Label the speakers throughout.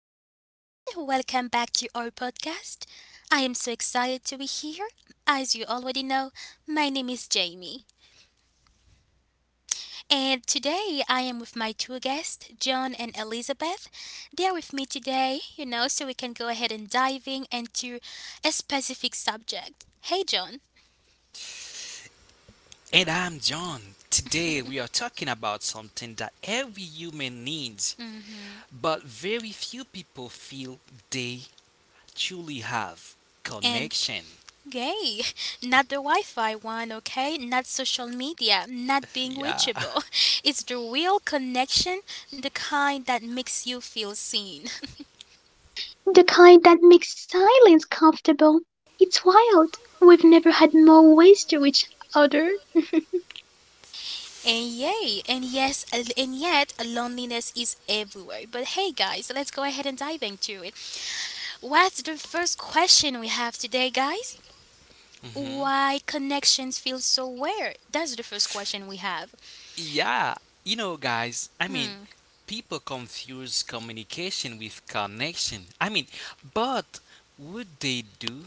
Speaker 1: hello everyone. Welcome back to our podcast. I am so excited to be here. As you already know, my name is Jamie. And today I am with my two guests, John and Elizabeth. They are with me today, you know, so we can go ahead and diving into a specific subject. Hey John.
Speaker 2: And I'm John. Today we are talking about something that every human needs,
Speaker 1: Mhm.
Speaker 2: but very few people feel they truly have
Speaker 1: And
Speaker 2: connection.
Speaker 1: Gay, not the Wi Fi one, okay? Not social media, not being
Speaker 2: Yeah.
Speaker 1: reachable. It's the real connection, the kind that makes you feel seen.
Speaker 3: "The kind that makes silence comfortable. It's wild. We've never had more ways to reach other.
Speaker 1: And yay! And yes, and yet, loneliness is everywhere. But hey, guys, let's go ahead and dive into it. What's the first question we have today, guys?
Speaker 2: hmm
Speaker 1: Why connections feel so rare? That's the first question we have.
Speaker 2: Yeah. Guys,
Speaker 1: Hmm.
Speaker 2: people confuse communication with connection. I mean, but would they do?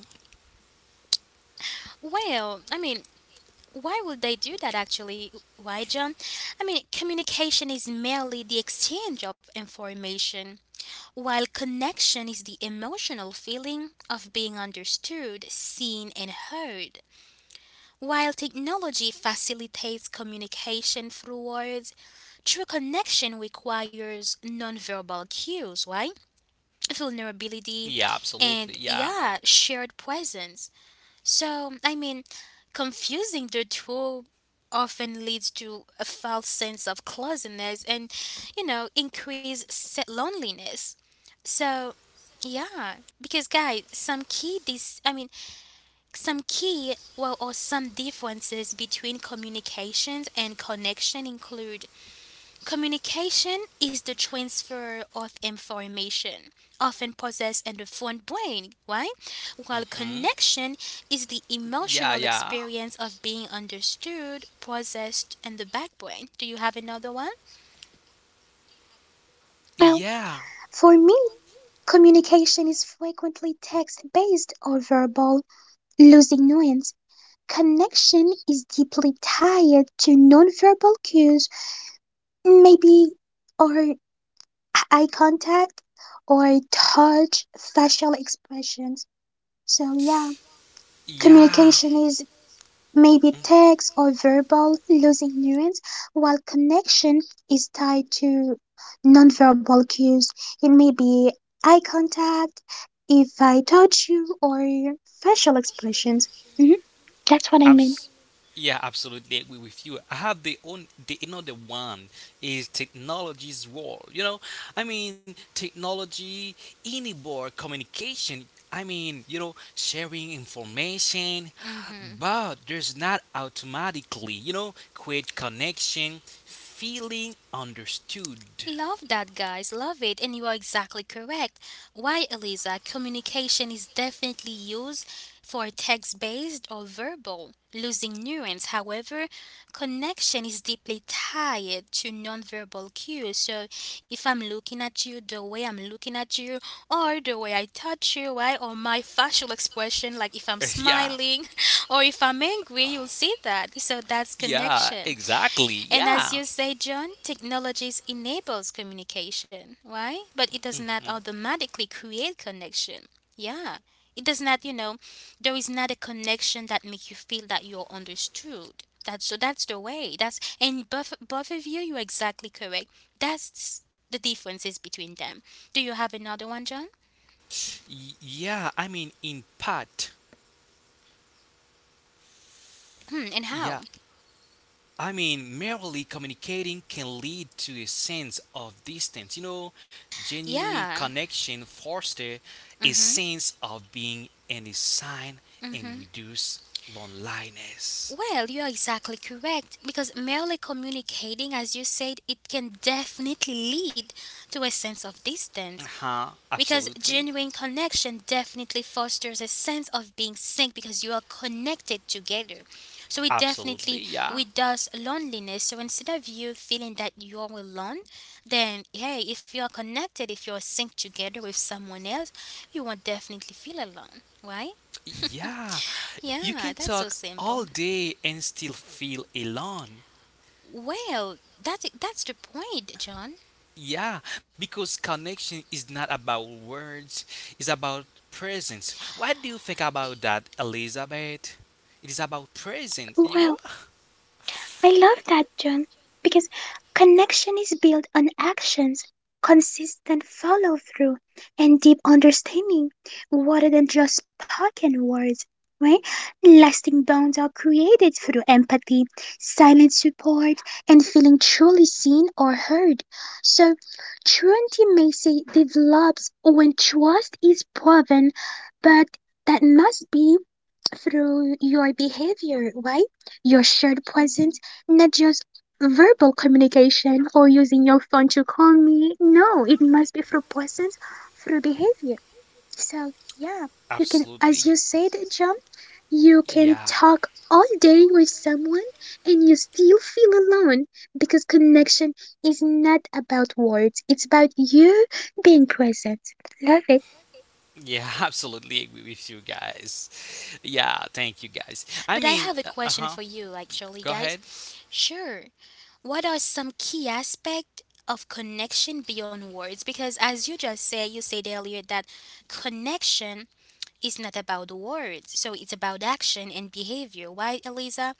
Speaker 1: Well, I mean, why would they do that actually? Why, John? I mean, communication is merely the exchange of information, while connection is the emotional feeling of being understood, seen, and heard. While technology facilitates communication through words, true connection requires nonverbal cues, right? Vulnerability
Speaker 2: Yeah,
Speaker 1: and,
Speaker 2: absolutely. Yeah.
Speaker 1: yeah, shared presence. So, I mean, confusing the two often leads to a false sense of closeness and, you know, increased se- loneliness. So, yeah, because guys, some key this I mean, some key well or some differences between communications and connection include: communication is the transfer of information, often possessed in the front brain, right? While
Speaker 2: hmm
Speaker 1: connection is the
Speaker 2: Yeah,
Speaker 1: emotional
Speaker 2: yeah.
Speaker 1: experience of being understood, processed in the back brain. Do you have another one?
Speaker 3: Well,
Speaker 2: Yeah.
Speaker 3: for me, communication is frequently text based or verbal, losing nuance. Connection is deeply tied to nonverbal cues, maybe, or eye contact, or touch, facial expressions. So, yeah,
Speaker 2: Yeah.
Speaker 3: communication is maybe text or verbal, losing nuance, while connection is tied to nonverbal cues. It may be eye contact, if I touch you, or facial expressions. Mhm. That's what I mean.
Speaker 2: Abs- yeah, absolutely agree with you. I have the own the another one is technology's role. Technology enable communication. Sharing information,
Speaker 1: Mm-hmm.
Speaker 2: but there's not automatically, create connection, feeling understood.
Speaker 1: Love that, guys. Love it. And you are exactly correct. Why, Eliza? Communication is definitely used for text based or verbal, losing nuance. However, connection is deeply tied to nonverbal cues. So, if I'm looking at you, the way I'm looking at you, or the way I touch you, right, or my facial expression, like if I'm
Speaker 2: Yeah,
Speaker 1: smiling or if I'm angry, you'll see that. So, that's
Speaker 2: yeah,
Speaker 1: connection.
Speaker 2: exactly.
Speaker 1: And
Speaker 2: Yeah.
Speaker 1: as you say, John, technologies enables communication, right? But it does not automatically create connection. Yeah. It does not, you know, there is not a connection that make you feel that you're understood. That's so that's the way. That's and both of you, you're exactly correct. That's the differences between them. Do you have another one, John?
Speaker 2: Yeah, in part.
Speaker 1: Hmm, and
Speaker 2: Yeah,
Speaker 1: how?
Speaker 2: merely communicating can lead to a sense of distance. Genuine
Speaker 1: Yeah.
Speaker 2: connection fosters a
Speaker 1: Mm-hmm.
Speaker 2: sense of being and a sign and
Speaker 1: Mm-hmm.
Speaker 2: reduce loneliness.
Speaker 1: Well, you are exactly correct because merely communicating, as you said, it can definitely lead to a sense of
Speaker 2: Uh
Speaker 1: distance
Speaker 2: huh.
Speaker 1: because
Speaker 2: Absolutely.
Speaker 1: genuine connection definitely fosters a sense of being synced because you are connected together. So it definitely
Speaker 2: Absolutely. Yeah.
Speaker 1: reduces loneliness. So instead of you feeling that you're alone, then hey, if you are connected, if you're synced together with someone else, you won't definitely feel alone, right?
Speaker 2: Yeah. You
Speaker 1: Yeah,
Speaker 2: can
Speaker 1: that's so
Speaker 2: talk
Speaker 1: simple.
Speaker 2: all day and still feel alone.
Speaker 1: Well, that's the point, John.
Speaker 2: Yeah, because connection is not about words, it's about presence. What do you think about that, Elizabeth? It is about presence, you
Speaker 3: Well,
Speaker 2: know?
Speaker 3: I love that, John, because connection is built on actions, consistent follow through, and deep understanding rather than just spoken words, right? Lasting bonds are created through empathy, silent support, and feeling truly seen or heard. So, true intimacy develops when trust is proven, but that must be through your behavior, right? Your shared presence, not just verbal communication or using your phone to call me. No, it must be through presence, through behavior. So, yeah, you can, as you
Speaker 2: Absolutely,
Speaker 3: said, John, you can
Speaker 2: yeah.
Speaker 3: talk all day with someone and you still feel alone because connection is not about words, it's about you being present. Love it.
Speaker 2: Yeah, absolutely agree with you guys. Yeah, thank you guys.
Speaker 1: But I have a
Speaker 2: Uh
Speaker 1: question for
Speaker 2: huh.
Speaker 1: you, actually,
Speaker 2: Go
Speaker 1: guys.
Speaker 2: ahead.
Speaker 1: Sure. What are some key aspects of connection beyond words? Because as you just said, you said earlier that connection is not about words, so it's about action and behavior, right, Eliza?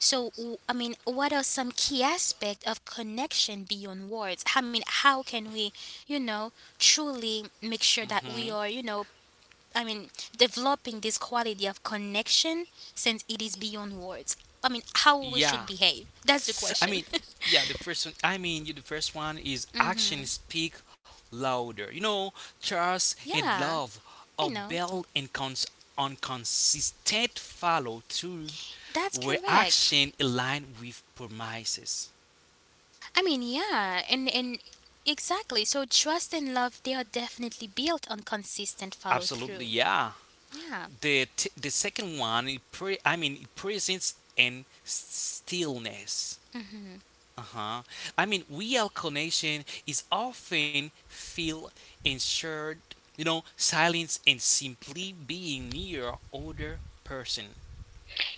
Speaker 1: So, w- I mean, what are some key aspects of connection beyond words? I mean, how can we, you know, truly make sure that we
Speaker 2: hmm
Speaker 1: are, you know, I mean, developing this quality of connection since it is beyond words. I mean, how we should
Speaker 2: Yeah,
Speaker 1: behave. That's the
Speaker 2: I
Speaker 1: question.
Speaker 2: mean, yeah, the first one. I mean, you. The first one is
Speaker 1: hmm
Speaker 2: action speak louder. Trust and
Speaker 1: Yeah,
Speaker 2: love
Speaker 1: I know.
Speaker 2: obey and cons- on consistent follow through,
Speaker 1: That's
Speaker 2: where
Speaker 1: correct.
Speaker 2: action align with promises.
Speaker 1: And exactly. So trust and love, they are definitely built on consistent follow
Speaker 2: Absolutely,
Speaker 1: through.
Speaker 2: yeah.
Speaker 1: Yeah.
Speaker 2: The second one, it pre- I mean, presence and stillness.
Speaker 1: hmm
Speaker 2: Uh-huh. Reallocation is often feel ensured, silence and simply being near other person.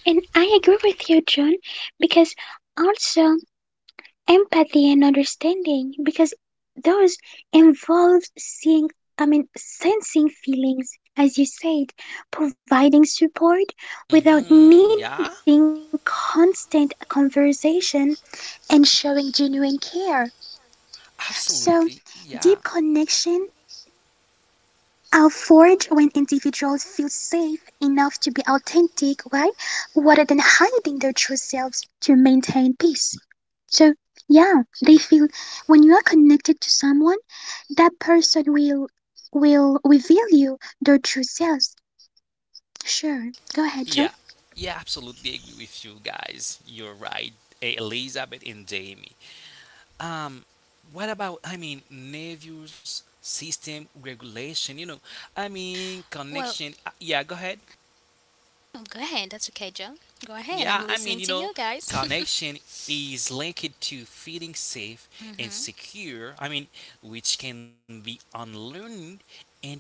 Speaker 3: And I agree with you, John, because also empathy and understanding, because those involved seeing, I mean, sensing feelings, as you said, providing support without needing
Speaker 2: Mm-hmm. Yeah.
Speaker 3: constant conversation and showing genuine care. So deep
Speaker 2: Absolutely. Yeah.
Speaker 3: connection are forged when individuals feel safe enough to be authentic, right, rather than hiding their true selves to maintain peace. So, yeah, they feel,
Speaker 2: Y-
Speaker 3: when you are connected to someone, that person will reveal you their true selves. Sure, go ahead, Joe.
Speaker 2: Yeah. Yeah, absolutely agree with you guys. You're right. Eh, Elizabeth and Jamie. Um, what about, Navy's system regulation,
Speaker 1: Well,
Speaker 2: connection. Yeah, go ahead.
Speaker 1: oh, go ahead. That's okay, Joe. Go ahead. I'm
Speaker 2: Yeah,
Speaker 1: listening to you guys.
Speaker 2: connection is linked to feeling safe and
Speaker 1: hmm
Speaker 2: secure. Which can be unlearned and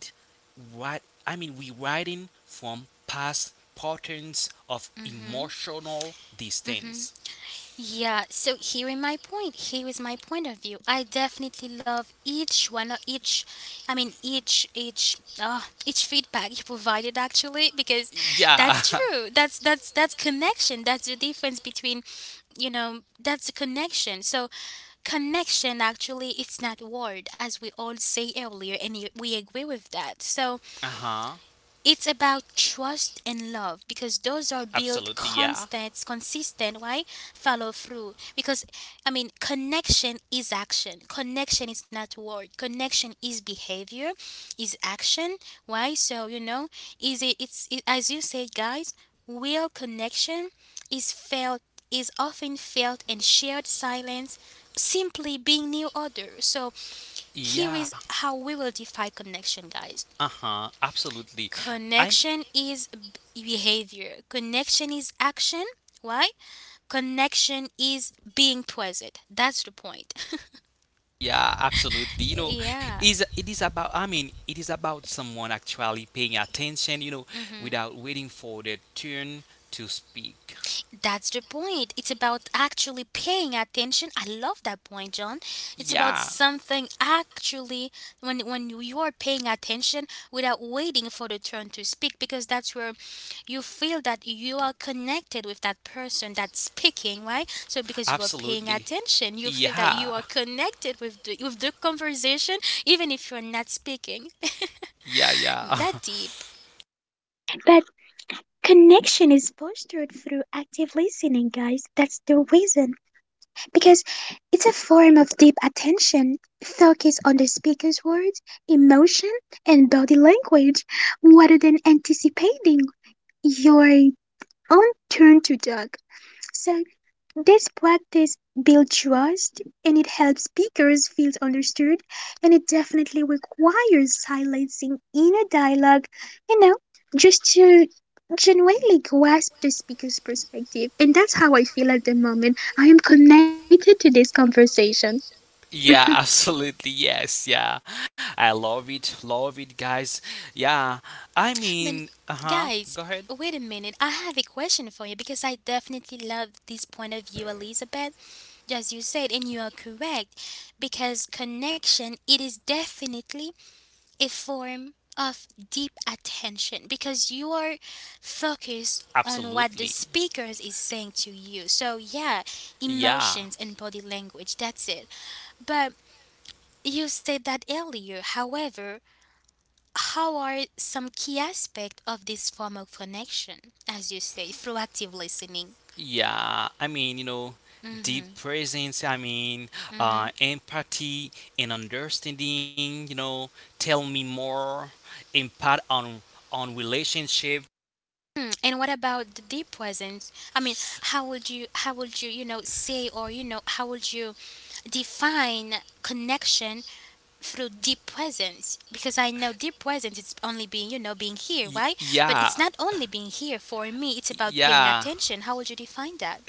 Speaker 2: what I mean, rewriting from past patterns of
Speaker 1: hmm
Speaker 2: emotional
Speaker 1: hmm
Speaker 2: distance.
Speaker 1: Yeah, so hearing my point, here is my point of view. I definitely love each one of each I mean uh each feedback you provided actually because
Speaker 2: Yeah.
Speaker 1: that's true. That's connection. That's the difference between, you know, that's a connection. So connection actually it's not word as we all say earlier and y- we agree with that. So
Speaker 2: Uh huh.
Speaker 1: it's about trust and love because those are built
Speaker 2: Absolutely. Yeah.
Speaker 1: constant, consistent. Why? Follow through. Because, I mean, connection is action. Connection is not word. Connection is behavior, is action. Why? So, you know, is it, it's, it, as you said, guys, real connection is felt is often felt in shared silence, simply being near others. So here is
Speaker 2: Yeah.
Speaker 1: how we will define connection, guys.
Speaker 2: Uh-huh, absolutely. I'm
Speaker 1: Connection is b- behavior. Connection is action. Why? Connection is being present. That's the point.
Speaker 2: Yeah, absolutely. You know,
Speaker 1: Yeah.
Speaker 2: is it is about it is about someone actually paying attention, without waiting for their turn to speak.
Speaker 1: That's the point. It's about actually paying attention. I love that point, John. It's about
Speaker 2: Yeah,
Speaker 1: something actually when when you are paying attention without waiting for the turn to speak because that's where you feel that you are connected with that person that's speaking, right? So because you are paying
Speaker 2: absolutely.
Speaker 1: attention, you feel that you
Speaker 2: Yeah.
Speaker 1: are connected with the conversation even if you're not speaking.
Speaker 2: Yeah, yeah.
Speaker 1: That deep.
Speaker 3: But connection is fostered through active listening, guys. That's the reason. Because it's a form of deep attention, focus on the speaker's words, emotion, and body language, rather than anticipating your own turn to talk. So this practice builds trust and it helps speakers feel understood, and it definitely requires silencing inner dialogue, you know, just to genuinely grasp the speaker's perspective. And that's how I feel at the moment. I am connected to this conversation.
Speaker 2: Yeah, absolutely. Yes, yeah. I love it. Love it, guys. Yeah.
Speaker 1: But
Speaker 2: Uh-huh.
Speaker 1: guys,
Speaker 2: Go ahead.
Speaker 1: wait a minute. I have a question for you because I definitely love this point of view, Elizabeth. As you said, and you are correct, because connection it is definitely a form of deep attention because you are focused on what the
Speaker 2: Absolutely.
Speaker 1: speakers is saying to you. So yeah,
Speaker 2: Yeah.
Speaker 1: emotions and body language, that's it. But you said that earlier. However, how are some key aspects of this form of connection, as you say, through active listening?
Speaker 2: Yeah, deep
Speaker 1: hmm
Speaker 2: presence,
Speaker 1: hmm
Speaker 2: empathy and understanding, tell me more, impact on relationship.
Speaker 1: And what about the deep presence? I mean, you know, say or you know, how would you define connection through deep presence? Because I know deep presence is only being, you know, being here,
Speaker 2: Y-
Speaker 1: right? But it's
Speaker 2: yeah,
Speaker 1: not only being here for me. It's about paying
Speaker 2: yeah.
Speaker 1: attention. How would you define that?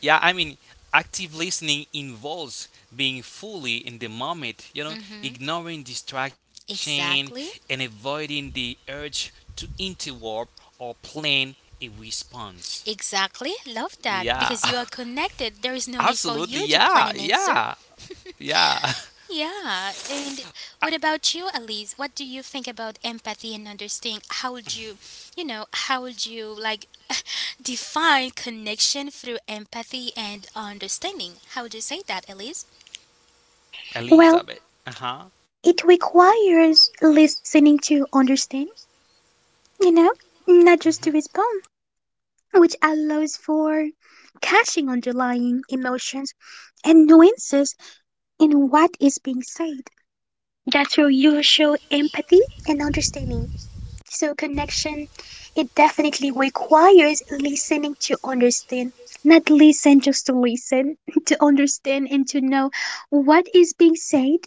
Speaker 2: Yeah, active listening involves being fully in the moment,
Speaker 1: hmm
Speaker 2: ignoring distraction
Speaker 1: Exactly.
Speaker 2: and avoiding the urge to interrupt or plan a response.
Speaker 1: Exactly. Love that.
Speaker 2: Yeah,
Speaker 1: Because you are connected, there is no need for
Speaker 2: absolutely.
Speaker 1: you to plan
Speaker 2: Yeah,
Speaker 1: an answer.
Speaker 2: yeah. Yeah,
Speaker 1: Yeah. And what about you, Elise? What do you think about empathy and understanding? How would you, you know, how would you like define connection through empathy and understanding? How would you say that, Elise?
Speaker 3: Well,
Speaker 2: Elizabeth. Uh huh.
Speaker 3: it requires listening to understand, you know, not just
Speaker 2: hmm
Speaker 3: to respond, which allows for catching underlying emotions and nuances in what is being said. That's where you show empathy and understanding. So connection, it definitely requires listening to understand, not listen just to listen, to understand and to know what is being said,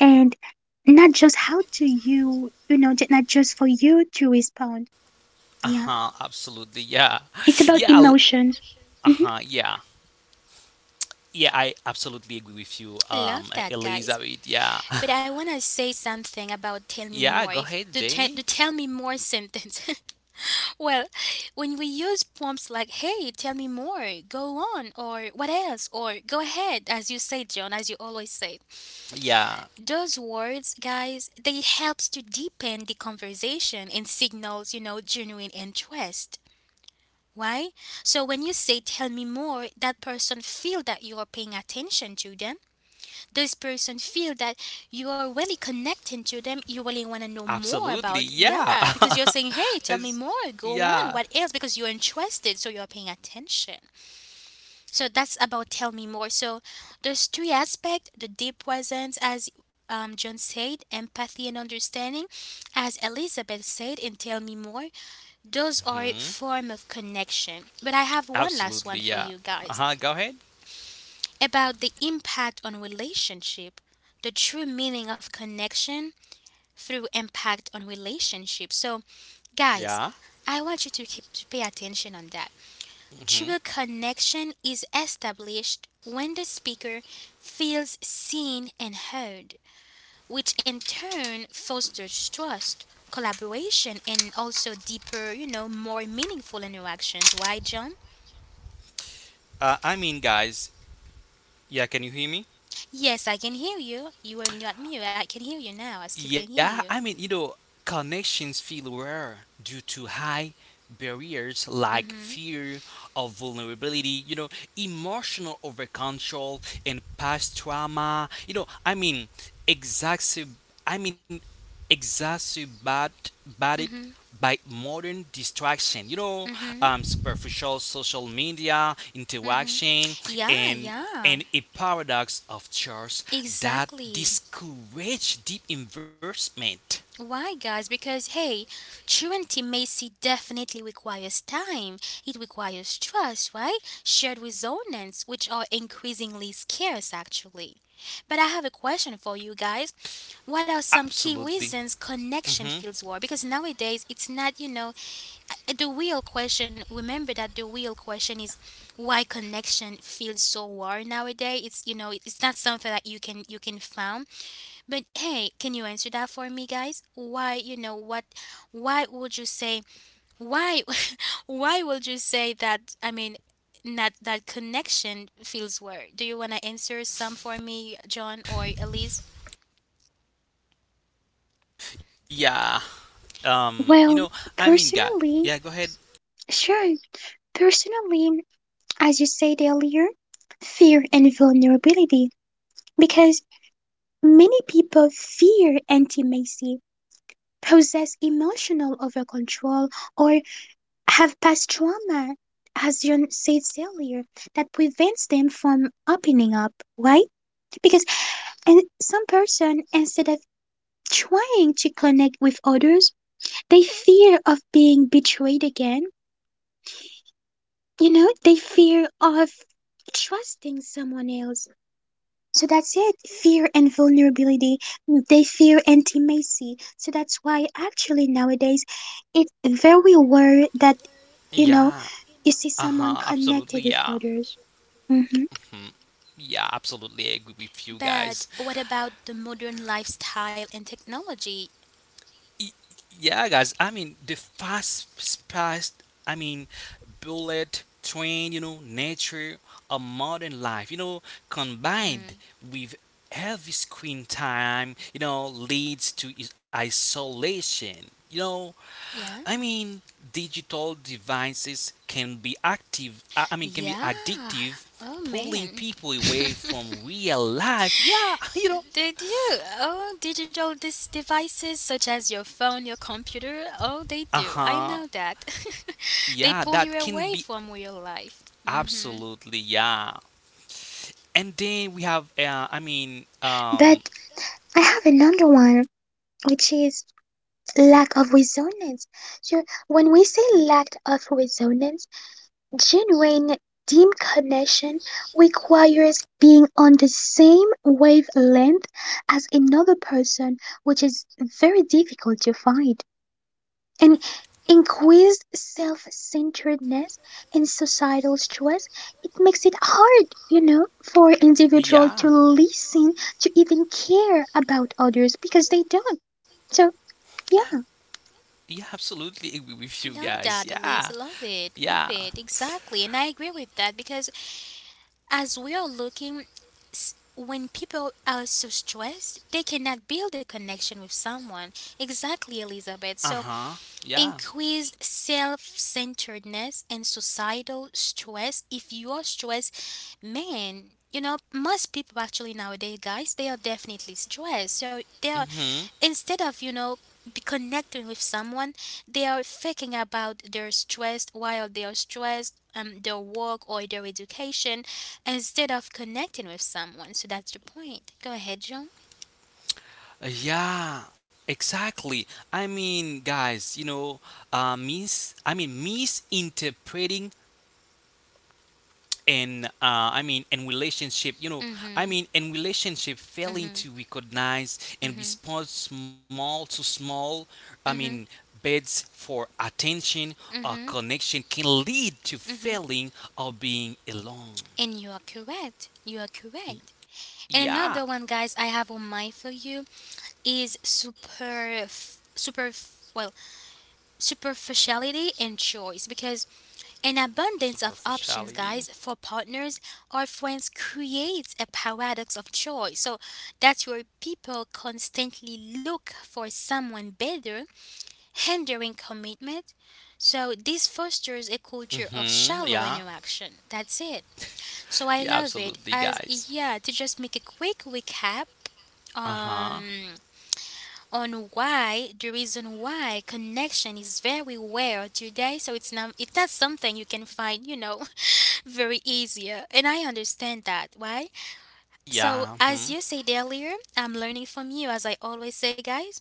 Speaker 3: and not just how to you, not just for you to respond.
Speaker 2: Uh
Speaker 3: Yeah.
Speaker 2: huh. Absolutely. Yeah.
Speaker 3: It's
Speaker 2: Yeah.
Speaker 3: about
Speaker 2: I
Speaker 3: emotions.
Speaker 2: Uh
Speaker 3: hmm
Speaker 2: huh. Yeah. Yeah. I absolutely agree with you,
Speaker 1: I love that, guys.
Speaker 2: Elizabeth. Yeah.
Speaker 1: But I want to say something about tell me
Speaker 2: Yeah. Go
Speaker 1: more.
Speaker 2: ahead,
Speaker 1: If the,
Speaker 2: Jamie.
Speaker 1: te- The tell me more sentence. Well, when we use prompts like hey, tell me more, go on, or what else, or go ahead, as you say, John, as you always say,
Speaker 2: Yeah.
Speaker 1: those words, guys, they helps to deepen the conversation and signals, you know, genuine interest. Why? So when you say tell me more, that person feel that you are paying attention to them, those person feel that you are really connecting to them, you really want to know more
Speaker 2: Absolutely.
Speaker 1: about.
Speaker 2: Yeah.
Speaker 1: Yeah, because you're saying hey tell me
Speaker 2: It's-
Speaker 1: more, go on,
Speaker 2: yeah.
Speaker 1: what else, because you're interested, so you're paying attention. So that's about tell me more. So those three aspects, the deep presence as, John said, empathy and understanding as Elizabeth said, and tell me more, those are a
Speaker 2: hmm
Speaker 1: form of connection. But I have one last one
Speaker 2: Absolutely.
Speaker 1: for you
Speaker 2: Yeah.
Speaker 1: guys
Speaker 2: Uh huh. Go ahead.
Speaker 1: about the impact on relationship, the true meaning of connection through impact on relationship. So, guys,
Speaker 2: Yeah.
Speaker 1: I want you to keep to pay attention on that. True
Speaker 2: hmm
Speaker 1: connection is established when the speaker feels seen and heard, which in turn fosters trust, collaboration, and also deeper, you know, more meaningful interactions. Why, John?
Speaker 2: Guys. Yeah. Can you hear me?
Speaker 1: Yes, I can hear you. You are not mute. I can hear you now. I still can hear
Speaker 2: Yeah,
Speaker 1: you.
Speaker 2: connections feel rare due to high barriers like
Speaker 1: Mhm.
Speaker 2: fear, of vulnerability, emotional over control and past trauma, exacerbate, I mean, exacerbated
Speaker 1: Mhm.
Speaker 2: by modern distraction,
Speaker 1: Mhm.
Speaker 2: superficial social media
Speaker 1: Mhm.
Speaker 2: interaction
Speaker 1: Yeah,
Speaker 2: and
Speaker 1: yeah.
Speaker 2: a paradox of choice that
Speaker 1: Exactly.
Speaker 2: discourage deep investment.
Speaker 1: Why, guys? Because hey, true intimacy definitely requires time. It requires trust, right? Shared resonance, which are increasingly scarce, actually. But I have a question for you guys. What are some key
Speaker 2: Absolutely.
Speaker 1: reasons connection
Speaker 2: hmm
Speaker 1: feels warm? Because nowadays it's not, you know, the real question, remember that the real question is why connection feels so hard nowadays. It's, you know, it's not something that you can, you can found. But hey, can you answer that for me guys? Why, you know what, why would you say, why, why would you say that? I mean, not that connection feels weird. Do you want to answer some for me, John or Elise?
Speaker 2: Yeah. You know. I
Speaker 3: Well,
Speaker 2: mean, guy. Yeah. Go ahead.
Speaker 3: personally, sure. Personally, as you said earlier, fear and vulnerability, because many people fear intimacy, possess emotional overcontrol, or have past trauma, as you said earlier, that prevents them from opening up, right? Because, and some person, instead of trying to connect with others, they fear of being betrayed again. You know, they fear of trusting someone else. So that's it. Fear and vulnerability. They fear intimacy. So that's why actually nowadays it's very rare that, you know,
Speaker 2: Yeah.
Speaker 3: you see
Speaker 2: Uh-huh,
Speaker 3: someone
Speaker 2: absolutely,
Speaker 3: connected with
Speaker 2: yeah.
Speaker 3: others. Mhm.
Speaker 2: Hmm. Yeah, absolutely agree with you guys.
Speaker 1: But what about the modern lifestyle and technology?
Speaker 2: Y- yeah, guys, the fast paced bullet train, nature of modern life, combined
Speaker 1: hmm
Speaker 2: with heavy screen time, leads to isolation.
Speaker 1: yeah.
Speaker 2: I mean, digital devices can be active. Can be
Speaker 1: Yeah.
Speaker 2: addictive,
Speaker 1: Oh
Speaker 2: pulling
Speaker 1: man.
Speaker 2: people away from real life. Yeah, you know.
Speaker 1: Did you? Oh, digital dis- devices such as your phone, your computer. Oh, they
Speaker 2: Uh
Speaker 1: do. I
Speaker 2: huh.
Speaker 1: know that. They
Speaker 2: Yeah,
Speaker 1: pull you
Speaker 2: that can
Speaker 1: away
Speaker 2: be
Speaker 1: from real life. Mm-hmm.
Speaker 2: absolutely yeah. And then we have, I mean,
Speaker 3: But I have another one, which is lack of resonance. So when we say lack of resonance, genuine deep connection requires being on the same wavelength as another person, which is very difficult to find. And increased self centeredness and societal stress, it makes it hard, you know, for individual
Speaker 2: Yeah,
Speaker 3: to listen, to even care about others because they don't. So, yeah.
Speaker 2: yeah, absolutely agree with you
Speaker 1: Love
Speaker 2: guys.
Speaker 1: that,
Speaker 2: Yeah.
Speaker 1: Elise. Love it.
Speaker 2: Yeah.
Speaker 1: Love it. Exactly. And I agree with that because as we are looking, s- when people are so stressed, they cannot build a connection with someone. Exactly, Elizabeth. So
Speaker 2: Uh-huh. Yeah.
Speaker 1: increased self-centeredness and societal stress, if you are stressed man, you know most people actually nowadays guys, they are definitely stressed, so they are
Speaker 2: Mm-hmm.
Speaker 1: instead of, you know, be connecting with someone, they are thinking about their stress, while they are stressed their work or their education instead of connecting with someone. So that's the point. Go ahead John.
Speaker 2: Yeah. Exactly. Guys, misinterpreting and I mean and relationship, you know, I
Speaker 1: mm-hmm
Speaker 2: mean and relationship failing
Speaker 1: mm-hmm
Speaker 2: to recognize and
Speaker 1: mm-hmm
Speaker 2: respond small to small, I mean
Speaker 1: mm-hmm
Speaker 2: bids for attention or
Speaker 1: mm-hmm
Speaker 2: connection can lead to failing or being alone.
Speaker 1: And you are correct. You are
Speaker 2: Y-
Speaker 1: correct. And another
Speaker 2: Yeah,
Speaker 1: one, guys, I have on mind for you is well, superficiality and choice, because an abundance of options,
Speaker 2: superficiality.
Speaker 1: guys, for partners or friends creates a paradox of choice. So that's where people constantly look for someone better, hindering commitment. So this fosters a culture of shallow
Speaker 2: Mm-hmm. Yeah.
Speaker 1: interaction. That's it. So I love
Speaker 2: Yeah,
Speaker 1: it. As,
Speaker 2: absolutely, guys.
Speaker 1: yeah, to just make a quick recap
Speaker 2: Uh-huh.
Speaker 1: on why, the reason why connection is very rare today. So it's not something you can find, you know, very easier, and I understand that, right? So
Speaker 2: Yeah.
Speaker 1: as you
Speaker 2: Mhm.
Speaker 1: said earlier, I'm learning from you, as I always say, guys,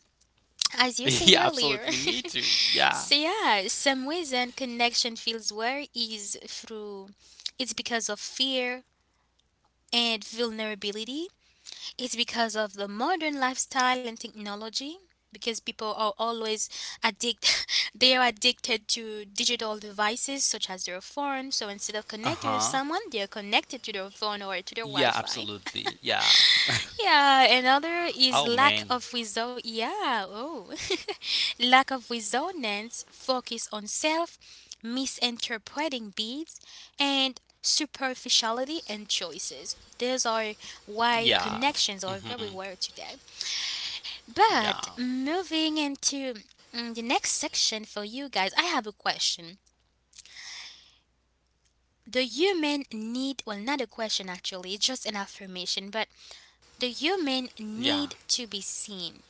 Speaker 1: as you said
Speaker 2: Yeah,
Speaker 1: earlier.
Speaker 2: absolutely. Me too. Yeah.
Speaker 1: So yeah, some reason connection feels rare is through, it's because of fear and vulnerability. It's because of the modern lifestyle and technology, because people are always addicted. They are addicted to digital devices such as their phone, so instead of connected with
Speaker 2: Uh-huh.
Speaker 1: someone, they are connected to their phone or to their
Speaker 2: Yeah,
Speaker 1: wi-fi.
Speaker 2: absolutely. Yeah.
Speaker 1: Yeah, another is
Speaker 2: Oh
Speaker 1: lack
Speaker 2: man.
Speaker 1: of wisdom. Yeah, oh, lack of resonance, focus on self, misinterpreting beats, and superficiality and choices. These are why
Speaker 2: Yeah.
Speaker 1: connections are
Speaker 2: Mm-hmm.
Speaker 1: very rare today.
Speaker 2: Yeah.
Speaker 1: But moving into the next section for you, guys, I have a question. The human need, well, not a question actually, it's just an affirmation, but the human
Speaker 2: Yeah.
Speaker 1: need to be seen.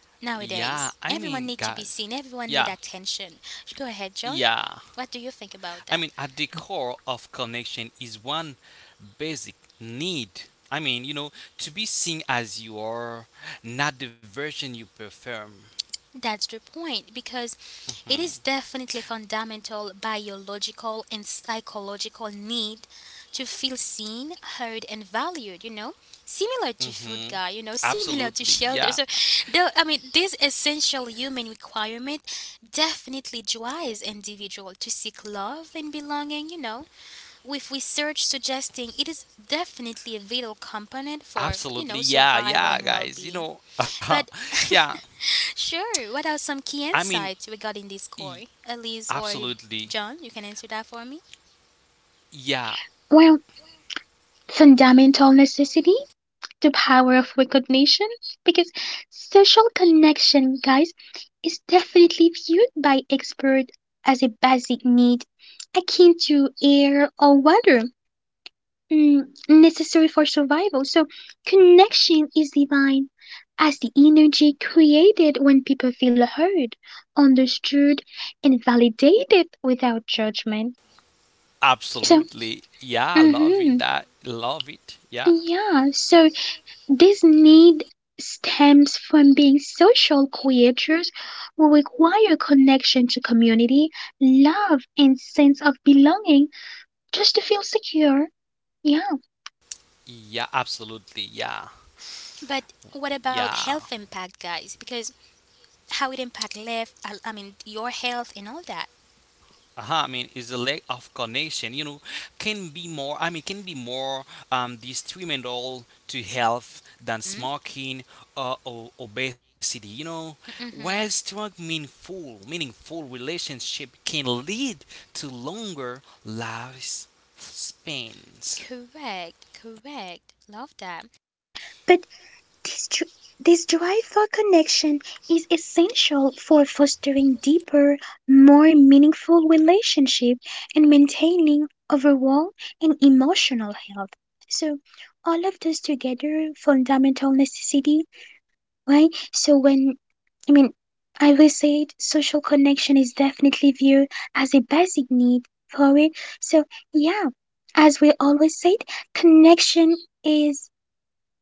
Speaker 2: Yeah. I
Speaker 1: Nowadays,
Speaker 2: mean,
Speaker 1: everyone
Speaker 2: God.
Speaker 1: need to be seen,
Speaker 2: Yeah.
Speaker 1: everyone need attention. Go ahead, John.
Speaker 2: Yeah.
Speaker 1: What do you think about
Speaker 2: At
Speaker 1: that?
Speaker 2: the core of connection is one basic need. I mean, you know, to be seen as you are, not the version you perform.
Speaker 1: That's the point, because it is definitely fundamental biological and psychological need to feel seen, heard and valued, you know? Similar to food,
Speaker 2: Mm-hmm.
Speaker 1: guy, you know, similar to
Speaker 2: Absolutely.
Speaker 1: shelter.
Speaker 2: Yeah.
Speaker 1: So the, I mean this essential human requirement definitely drives individual to seek love and belonging, you know? With research suggesting it is definitely a vital component for, you
Speaker 2: Absolutely.
Speaker 1: know,
Speaker 2: Yeah.
Speaker 1: survival
Speaker 2: Yeah,
Speaker 1: and
Speaker 2: guys. You
Speaker 1: well-being.
Speaker 2: know,
Speaker 1: But
Speaker 2: yeah.
Speaker 1: sure, what are some
Speaker 2: I
Speaker 1: key
Speaker 2: mean,
Speaker 1: insights regarding this
Speaker 2: e-
Speaker 1: core? Elise or
Speaker 2: Absolutely.
Speaker 1: John, you can answer that for me.
Speaker 2: Yeah.
Speaker 3: Well, fundamental necessity, the power of recognition, because social connection, guys, is definitely viewed by experts as a basic need akin to air or water, mm, necessary for survival. So, connection is divine as the energy created when people feel heard, understood, and validated without judgment. So,
Speaker 2: Absolutely. Yeah. Love it.
Speaker 3: hmm
Speaker 2: That. Love it. Yeah.
Speaker 3: yeah, so this need stems from being social creatures who require connection to community, love, and sense of belonging just to feel secure. Yeah.
Speaker 2: Yeah. Absolutely. Yeah.
Speaker 1: But what about
Speaker 2: Yeah.
Speaker 1: health impact, guys? Because how it impact life, I mean, your health and all that.
Speaker 2: Uh-huh, is the lack of connection, can be more, can be more detrimental to health than
Speaker 1: Mm?
Speaker 2: smoking or obesity, you know. While
Speaker 1: Mm-hmm.
Speaker 2: strong, meaningful relationship can lead to longer lives spans.
Speaker 1: Correct, correct. Love that.
Speaker 3: But this this drive for connection is essential for fostering deeper, more meaningful relationship and maintaining overall and emotional health. So all of those together, fundamental necessity. Right? So when, I mean, I will say it, social connection is definitely viewed as a basic need for it. So, yeah, as we always said, connection is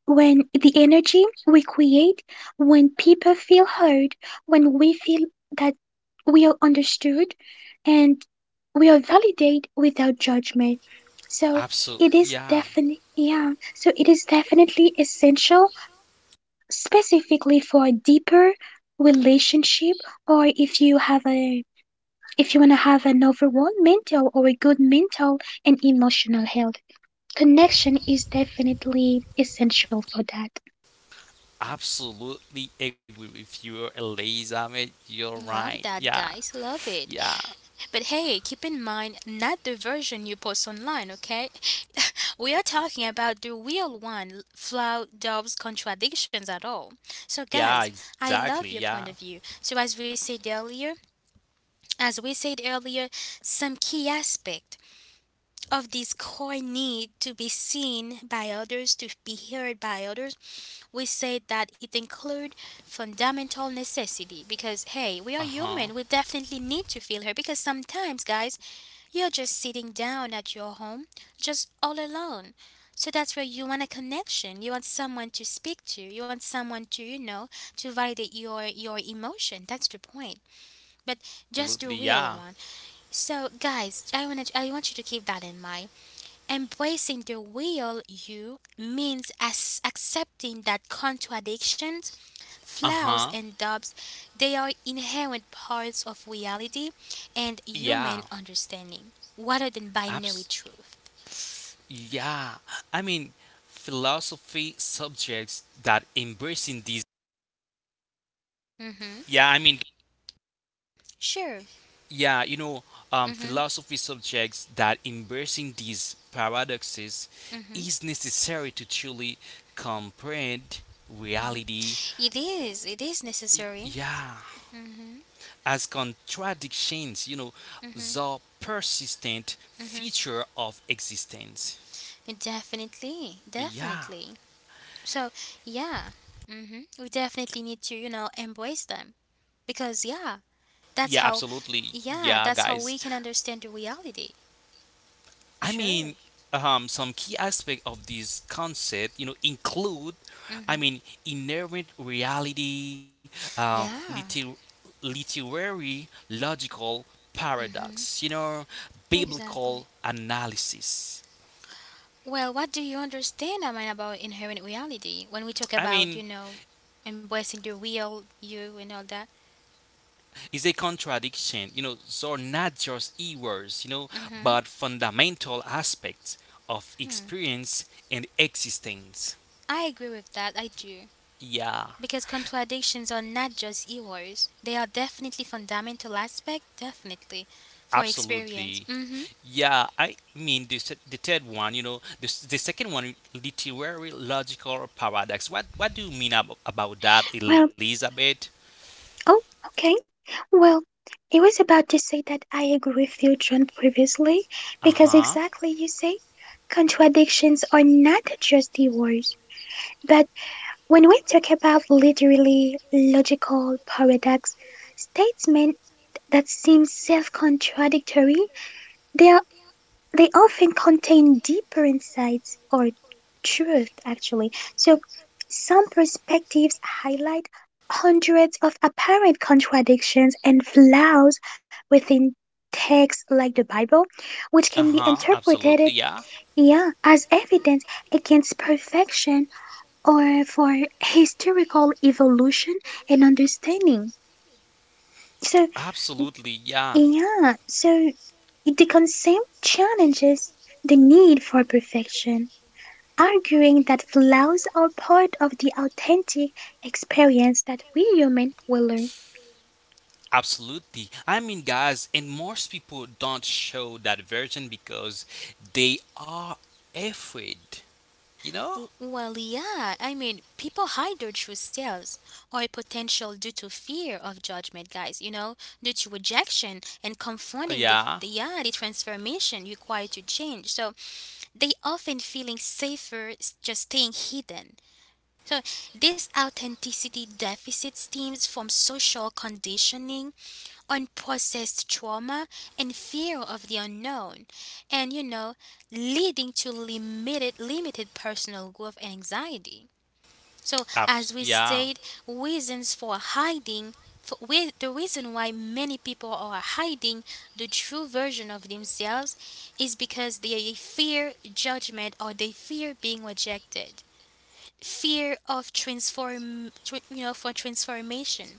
Speaker 3: when the energy we create, when people feel heard, when we feel that we are understood and we are validated without judgment. So,
Speaker 2: Absolutely,
Speaker 3: it is
Speaker 2: yeah,
Speaker 3: definitely, yeah, so it is definitely essential, specifically for a deeper relationship, or if you have a, if you want to have an overall mental or a good mental and emotional health, connection is definitely essential for that.
Speaker 2: absolutely agree with you, Eliza. You're right.
Speaker 1: Love that,
Speaker 2: Yeah,
Speaker 1: guys. Love it.
Speaker 2: yeah,
Speaker 1: But hey, keep in mind, not the version you post online, okay? We are talking about the real one, Flow Dove's contradictions at all. So,
Speaker 2: yeah,
Speaker 1: guys, I
Speaker 2: exactly,
Speaker 1: love your
Speaker 2: yeah.
Speaker 1: point of view. So, as we said earlier, as we said earlier, some key aspect of this core need to be seen by others, to be heard by others, we said that it include fundamental necessity, because hey, we are
Speaker 2: Uh-huh,
Speaker 1: human, we definitely need to feel heard, because sometimes, guys, you're just sitting down at your home, just all alone. So that's where you want a connection. You want someone to speak to. You want someone to, you know, to validate your emotion. That's the point. But just
Speaker 2: absolutely,
Speaker 1: the real
Speaker 2: yeah.
Speaker 1: one. So guys, I want you to keep that in mind. Embracing the real you means as accepting that contradiction.
Speaker 2: Uh-huh.
Speaker 1: Flowers and doves, they are inherent parts of reality and
Speaker 2: Yeah.
Speaker 1: human understanding, rather than
Speaker 2: Abs
Speaker 1: binary truth.
Speaker 2: Yeah. I mean Philosophy subjects that embracing these
Speaker 1: Mm-hmm.
Speaker 2: yeah, I mean
Speaker 1: Sure.
Speaker 2: yeah, you know,
Speaker 1: Mm-hmm.
Speaker 2: philosophy subjects that embracing these paradoxes
Speaker 1: Mm-hmm.
Speaker 2: is necessary to truly comprehend reality.
Speaker 1: Mm-hmm. It is. It is necessary.
Speaker 2: Yeah,
Speaker 1: Mm-hmm.
Speaker 2: as contradictions, you know,
Speaker 1: Mm-hmm.
Speaker 2: the persistent
Speaker 1: Mm-hmm.
Speaker 2: feature of existence.
Speaker 1: Definitely.
Speaker 2: Yeah.
Speaker 1: Definitely. So yeah. Mm-hmm. We definitely need to, you know, embrace them, because yeah,
Speaker 2: Yeah,
Speaker 1: that's how.
Speaker 2: absolutely. Yeah,
Speaker 1: Yeah, that's how
Speaker 2: guys.
Speaker 1: we can understand the reality.
Speaker 2: I mean,
Speaker 1: Sure.
Speaker 2: some key aspect of this concept, include,
Speaker 1: Mm-hmm.
Speaker 2: inherent reality, uh,
Speaker 1: Yeah.
Speaker 2: liter- literary logical
Speaker 1: Mm-hmm.
Speaker 2: paradox,
Speaker 1: Exactly.
Speaker 2: biblical analysis.
Speaker 1: Well, what do you understand, I mean, about inherent reality when we talk
Speaker 2: I
Speaker 1: about,
Speaker 2: mean,
Speaker 1: you know, embracing the real you and all that?
Speaker 2: it's a contradiction, so not just errors,
Speaker 1: Mm-hmm.
Speaker 2: but fundamental aspects of
Speaker 1: Hmm.
Speaker 2: experience and existence.
Speaker 1: I agree with that. I do.
Speaker 2: Yeah,
Speaker 1: Because contradictions are not just errors. They are definitely fundamental aspect, definitely, for experience.
Speaker 2: absolutely.
Speaker 1: Mm-hmm.
Speaker 2: Yeah, I mean the se- the third one, you know, the, s- the second one, literary logical paradox. What do you mean about that,
Speaker 3: Well,
Speaker 2: Elizabeth?
Speaker 3: oh, okay, well, it was about to say that I agree with you, John, previously,
Speaker 2: Uh
Speaker 3: because
Speaker 2: huh.
Speaker 3: exactly you say contradictions are not just the words, but when we talk about literally logical paradox statements that seem self contradictory, they, are, they often contain deeper insights or truth, actually. So, some perspectives highlight hundreds of apparent contradictions and flaws within texts like the Bible, which
Speaker 2: Uh
Speaker 3: can be
Speaker 2: huh. Absolutely.
Speaker 3: interpreted,
Speaker 2: Yeah.
Speaker 3: yeah, as evidence against perfection or for historical evolution and understanding. So,
Speaker 2: Absolutely, yeah.
Speaker 3: yeah, so the concept challenges the need for perfection, arguing that flaws are part of the authentic experience that we humans will learn.
Speaker 2: Absolutely. Guys, and most people don't show that version because they are afraid, you know?
Speaker 1: Well, yeah, I mean, people hide their true selves or potential due to fear of judgment, guys, you know, due to rejection and confronting the,
Speaker 2: Yeah.
Speaker 1: the yeah, the transformation required to change. So they often feeling safer just staying hidden. So, this authenticity deficit stems from social conditioning, unprocessed trauma, and fear of the unknown, and you know, leading to limited personal growth and anxiety. So, as we said,
Speaker 2: Yeah.
Speaker 1: reasons for hiding, for, with the reason why many people are hiding the true version of themselves is because they fear judgment, or they fear being rejected, fear of you know, for transformation,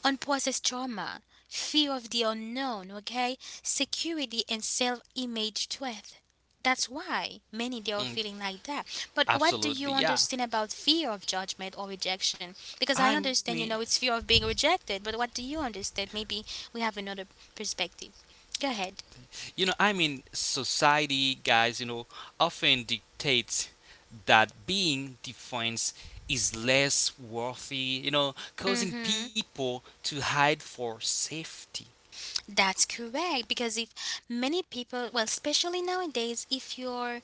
Speaker 1: unprocessed trauma, fear of the unknown, okay, security and self-image threat. That's why many they are
Speaker 2: Mm,
Speaker 1: feeling like that. But what do
Speaker 2: absolutely.
Speaker 1: you
Speaker 2: Yeah.
Speaker 1: understand about fear of judgment or rejection? Because I
Speaker 2: I mean,
Speaker 1: understand, you know, it's fear of being rejected, but what do you understand? Maybe we have another perspective. Go ahead.
Speaker 2: Society, guys, often dictates that being defines is less worthy, causing
Speaker 1: Mm-hmm.
Speaker 2: people to hide for safety.
Speaker 1: That's correct. Because if many people, well, especially nowadays, if you're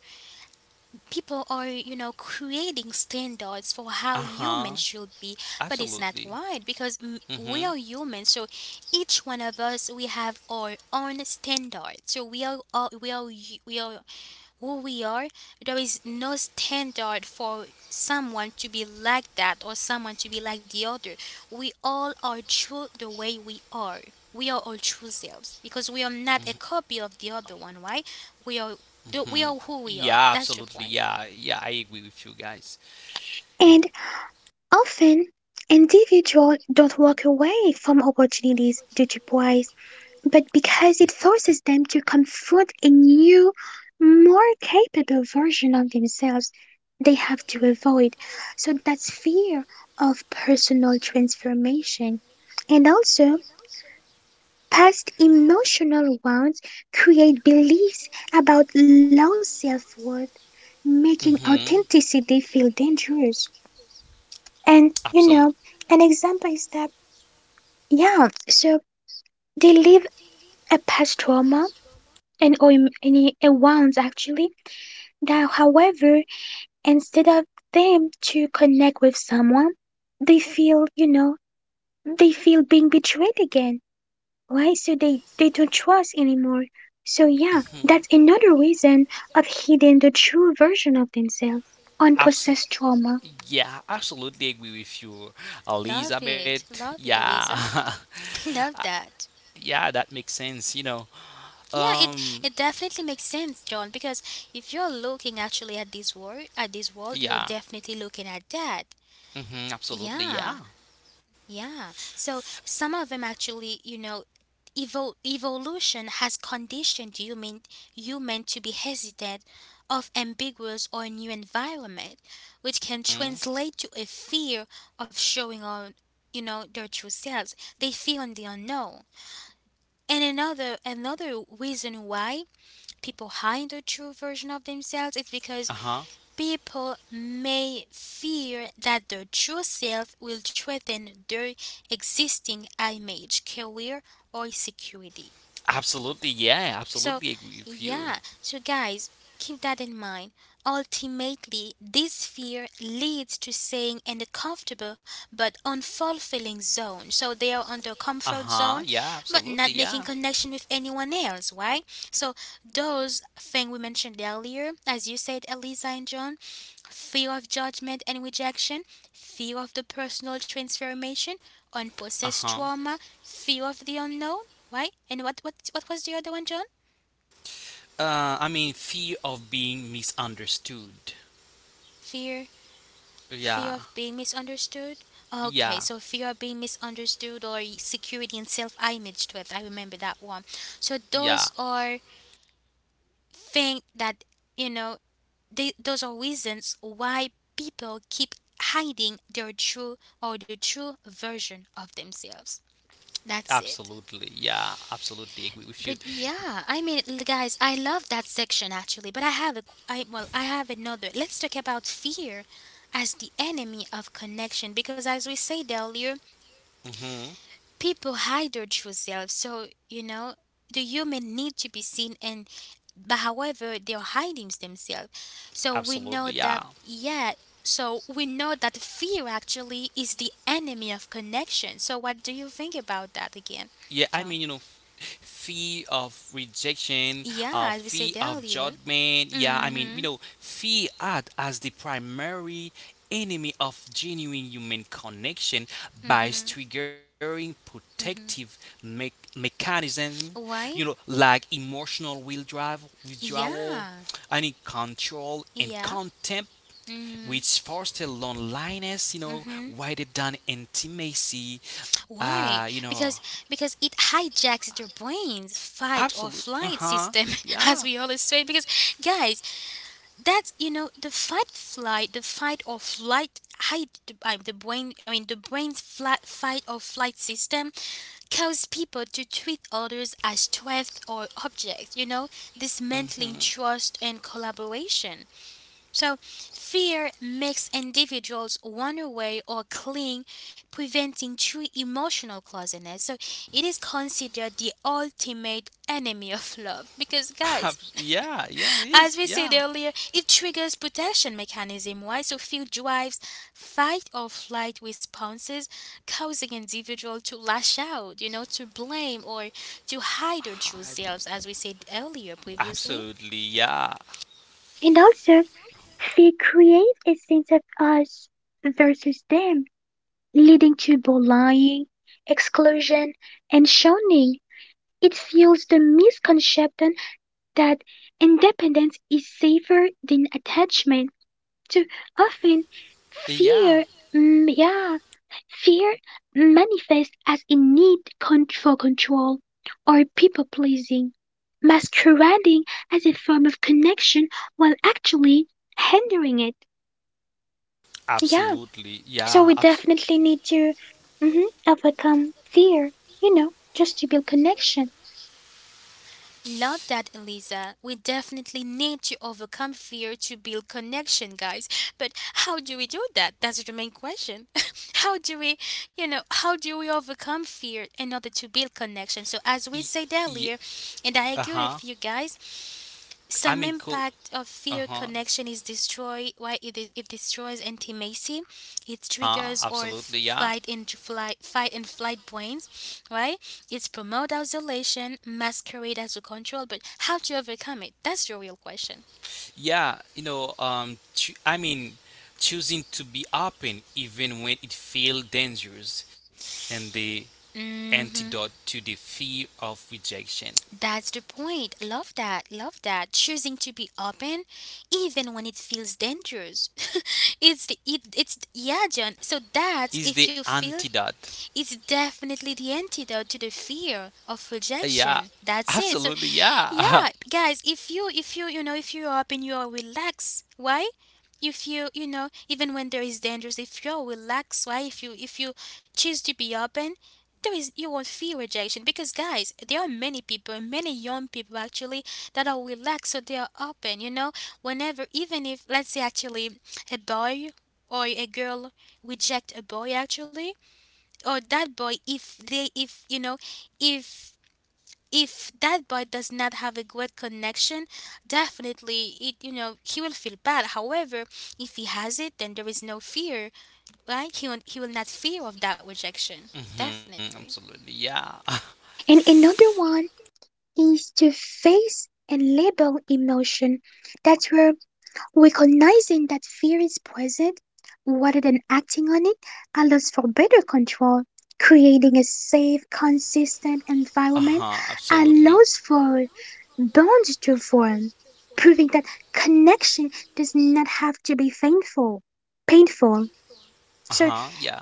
Speaker 1: people are, you know, creating standards for
Speaker 2: Uh
Speaker 1: how
Speaker 2: huh.
Speaker 1: humans should be, but it's not
Speaker 2: Absolutely.
Speaker 1: right, because
Speaker 2: Mm hmm.
Speaker 1: we are humans. So each one of us, we have our own standard. So we are all, we are we are who we are. There is no standard for someone to be like that or someone to be like the other. We all are true the way we are. We are all true selves because we are not a copy of the other one, right? We are
Speaker 2: hmm
Speaker 1: we are who we
Speaker 2: Yeah,
Speaker 1: are. That's
Speaker 2: absolutely.
Speaker 1: the point.
Speaker 2: Yeah, yeah, I agree with you guys.
Speaker 3: And often, individuals don't walk away from opportunities due to pride but because it forces them to confront a new, more capable version of themselves they have to avoid. So that's fear of personal transformation. And also, past emotional wounds create beliefs about low self worth, making
Speaker 2: hmm
Speaker 3: authenticity feel dangerous. And, you
Speaker 2: Absolutely.
Speaker 3: know, an example is that, yeah, so they live a past trauma and or any a wounds actually. Now, however, instead of them to connect with someone, they feel, you know, they feel being betrayed again, right? So they don't trust anymore. So yeah,
Speaker 2: hmm
Speaker 3: that's another reason of hiding the true version of themselves,
Speaker 2: Absolutely.
Speaker 3: unprocessed trauma.
Speaker 2: Yeah, absolutely agree with you,
Speaker 1: Love it.
Speaker 2: Elizabeth.
Speaker 1: Love it, Eliza.
Speaker 2: Yeah,
Speaker 1: Love that.
Speaker 2: Yeah, that makes sense, you know.
Speaker 1: Yeah,
Speaker 2: Um,
Speaker 1: it definitely makes sense, John, because if you're looking actually at this world, you're
Speaker 2: yeah.
Speaker 1: definitely looking at that.
Speaker 2: Absolutely,
Speaker 1: Yeah.
Speaker 2: yeah.
Speaker 1: Yeah. So some of them actually, you know, evolution has conditioned human to be hesitant of ambiguous or new environment, which can
Speaker 2: Mm,
Speaker 1: translate to a fear of showing on, you know, their true selves. They fear on the unknown. And another reason why people hide the true version of themselves is because
Speaker 2: uh-huh.
Speaker 1: people may fear that their true self will threaten their existing image, career, or security.
Speaker 2: Absolutely, yeah. Absolutely
Speaker 1: So,
Speaker 2: agree with you.
Speaker 1: yeah, so guys, keep that in mind. Ultimately, this fear leads to staying in the comfortable but unfulfilling zone. So, they are on their comfort
Speaker 2: Uh-huh.
Speaker 1: zone
Speaker 2: Yeah,
Speaker 1: but
Speaker 2: absolutely,
Speaker 1: not
Speaker 2: yeah.
Speaker 1: making connection with anyone else, right? So, those things we mentioned earlier, as you said, Eliza and John: fear of judgment and rejection, fear of the personal transformation, unprocessed
Speaker 2: Uh-huh.
Speaker 1: trauma, fear of the unknown, right? And what was the other one, John?
Speaker 2: Fear of being misunderstood.
Speaker 1: Fear,
Speaker 2: Yeah.
Speaker 1: fear of being misunderstood. Okay,
Speaker 2: Yeah.
Speaker 1: so fear of being misunderstood, or security and self-image threat. I remember that one. So
Speaker 2: Yeah.
Speaker 1: those are things that, you know. They, those are reasons why people keep hiding their true, or the true version of themselves. That's it.
Speaker 2: Absolutely. Yeah. Absolutely agree with you.
Speaker 1: But yeah, I mean, guys, I love that section actually. But I have a, q- I well, I have another. Let's talk about fear as the enemy of connection, because, as we said earlier,
Speaker 2: Mhm.
Speaker 1: people hide their true selves. So you know, the human need to be seen, and but however, they're hiding themselves. So we know
Speaker 2: Absolutely,
Speaker 1: that,
Speaker 2: yeah.
Speaker 1: yeah. So we know that fear actually is the enemy of connection. So what do you think about that again,
Speaker 2: Yeah,
Speaker 1: John?
Speaker 2: fear of rejection,
Speaker 1: Yeah, as we
Speaker 2: fear
Speaker 1: said
Speaker 2: of
Speaker 1: earlier.
Speaker 2: judgment. Yeah,
Speaker 1: Mm-hmm.
Speaker 2: fear act as the primary enemy of genuine human connection by
Speaker 1: Mhm.
Speaker 2: triggering protective
Speaker 1: Mhm.
Speaker 2: me- mechanisms,
Speaker 1: Why?
Speaker 2: like emotional will drive, withdrawal,
Speaker 1: Yeah.
Speaker 2: any control and
Speaker 1: Yeah.
Speaker 2: contempt
Speaker 1: Mhm.
Speaker 2: which foster loneliness,
Speaker 1: Mhm.
Speaker 2: rather than intimacy, uh, you
Speaker 1: Why?
Speaker 2: know.
Speaker 1: Because it hijacks their brains, fight or
Speaker 2: Absolutely,
Speaker 1: flight
Speaker 2: uh-huh.
Speaker 1: system, as
Speaker 2: Yeah.
Speaker 1: we always say. Because guys, that's you know the fight flight, the fight or flight hide the brain. I mean the brain's flight, fight or flight system cause people to treat others as threats or objects. You know,
Speaker 2: Mhm.
Speaker 1: dismantling trust and collaboration. So, fear makes individuals run away or cling, preventing true emotional closeness. So, it is considered the ultimate enemy of love. Because, guys,
Speaker 2: Yeah, yeah, it is.
Speaker 1: as we
Speaker 2: Yeah.
Speaker 1: said earlier, it triggers protection mechanism, why, so fear drives fight or flight responses, causing individual to lash out, you know, to blame or to hide their
Speaker 2: Hi-
Speaker 1: true selves, as we said earlier
Speaker 2: Absolutely.
Speaker 1: previously.
Speaker 2: Yeah.
Speaker 3: And also, fear creates a sense of us versus them, leading to bullying, exclusion, and shunning. It fuels the misconception that independence is safer than attachment. Too often
Speaker 2: Yeah.
Speaker 3: fear, yeah, fear manifests as a need for control or people pleasing, masquerading as a form of connection while actually hindering it. Yeah,
Speaker 2: Absolutely.
Speaker 3: so we
Speaker 2: Yeah.
Speaker 3: definitely need to, mhm, overcome fear, you know, just to build connection.
Speaker 1: Love that, Eliza. We definitely need to overcome fear to build connection, guys. But how do we do that? That's the main question. How do we, you know, how do we overcome fear in order to build connection? So, as
Speaker 2: Y-
Speaker 1: we said
Speaker 2: y-
Speaker 1: earlier, and I agree
Speaker 2: uh-huh.
Speaker 1: with you guys,
Speaker 2: I mean,
Speaker 1: some
Speaker 2: cool.
Speaker 1: impact of fear
Speaker 2: Uh-huh.
Speaker 1: connection is destroy, why, it destroys intimacy, it triggers or
Speaker 2: Absolutely. Yeah.
Speaker 1: fight and flight, fight and flight brains, right? It's promote isolation, masquerade as a control, but how to overcome it? That's the real question.
Speaker 2: Yeah, choosing to be open even when it feels dangerous, and the antidote
Speaker 1: Hmm.
Speaker 2: to the fear of rejection
Speaker 1: That's the point. Love that. Love that. Choosing to be open, even when it feels dangerous. It's it's yeah, John. So that's
Speaker 2: is
Speaker 1: if you
Speaker 2: the
Speaker 1: feel.
Speaker 2: antidote.
Speaker 1: It's definitely the antidote to the fear of
Speaker 2: Yeah,
Speaker 1: rejection. That's it. So
Speaker 2: absolutely. Yeah,
Speaker 1: yeah, guys, if you know, if you're up and you're relaxed, why? If you, you know, even when there is dangers, if you're relaxed, why? If you choose to be open, there is, you won't fear rejection, because guys, there are many people, many young people actually that are relaxed, so they are open. You know, whenever, even if, let's say, actually a boy or a girl reject a boy actually, or that boy, if they if you know if if that boy does not have a good connection, definitely it, he will feel bad. However, if he has it, then there is no fear. Right, he will not fear of that rejection definitely.
Speaker 2: absolutely. Yeah.
Speaker 3: And another one is to face and label emotion. That's where recognizing that fear is present rather than acting on it allows for better control. Creating a safe, consistent
Speaker 2: Uh huh.
Speaker 3: environment
Speaker 2: Absolutely.
Speaker 3: allows for bonds to form, proving that connection does not have to be painful. Painful.
Speaker 2: Uh
Speaker 3: So
Speaker 2: huh. Yeah.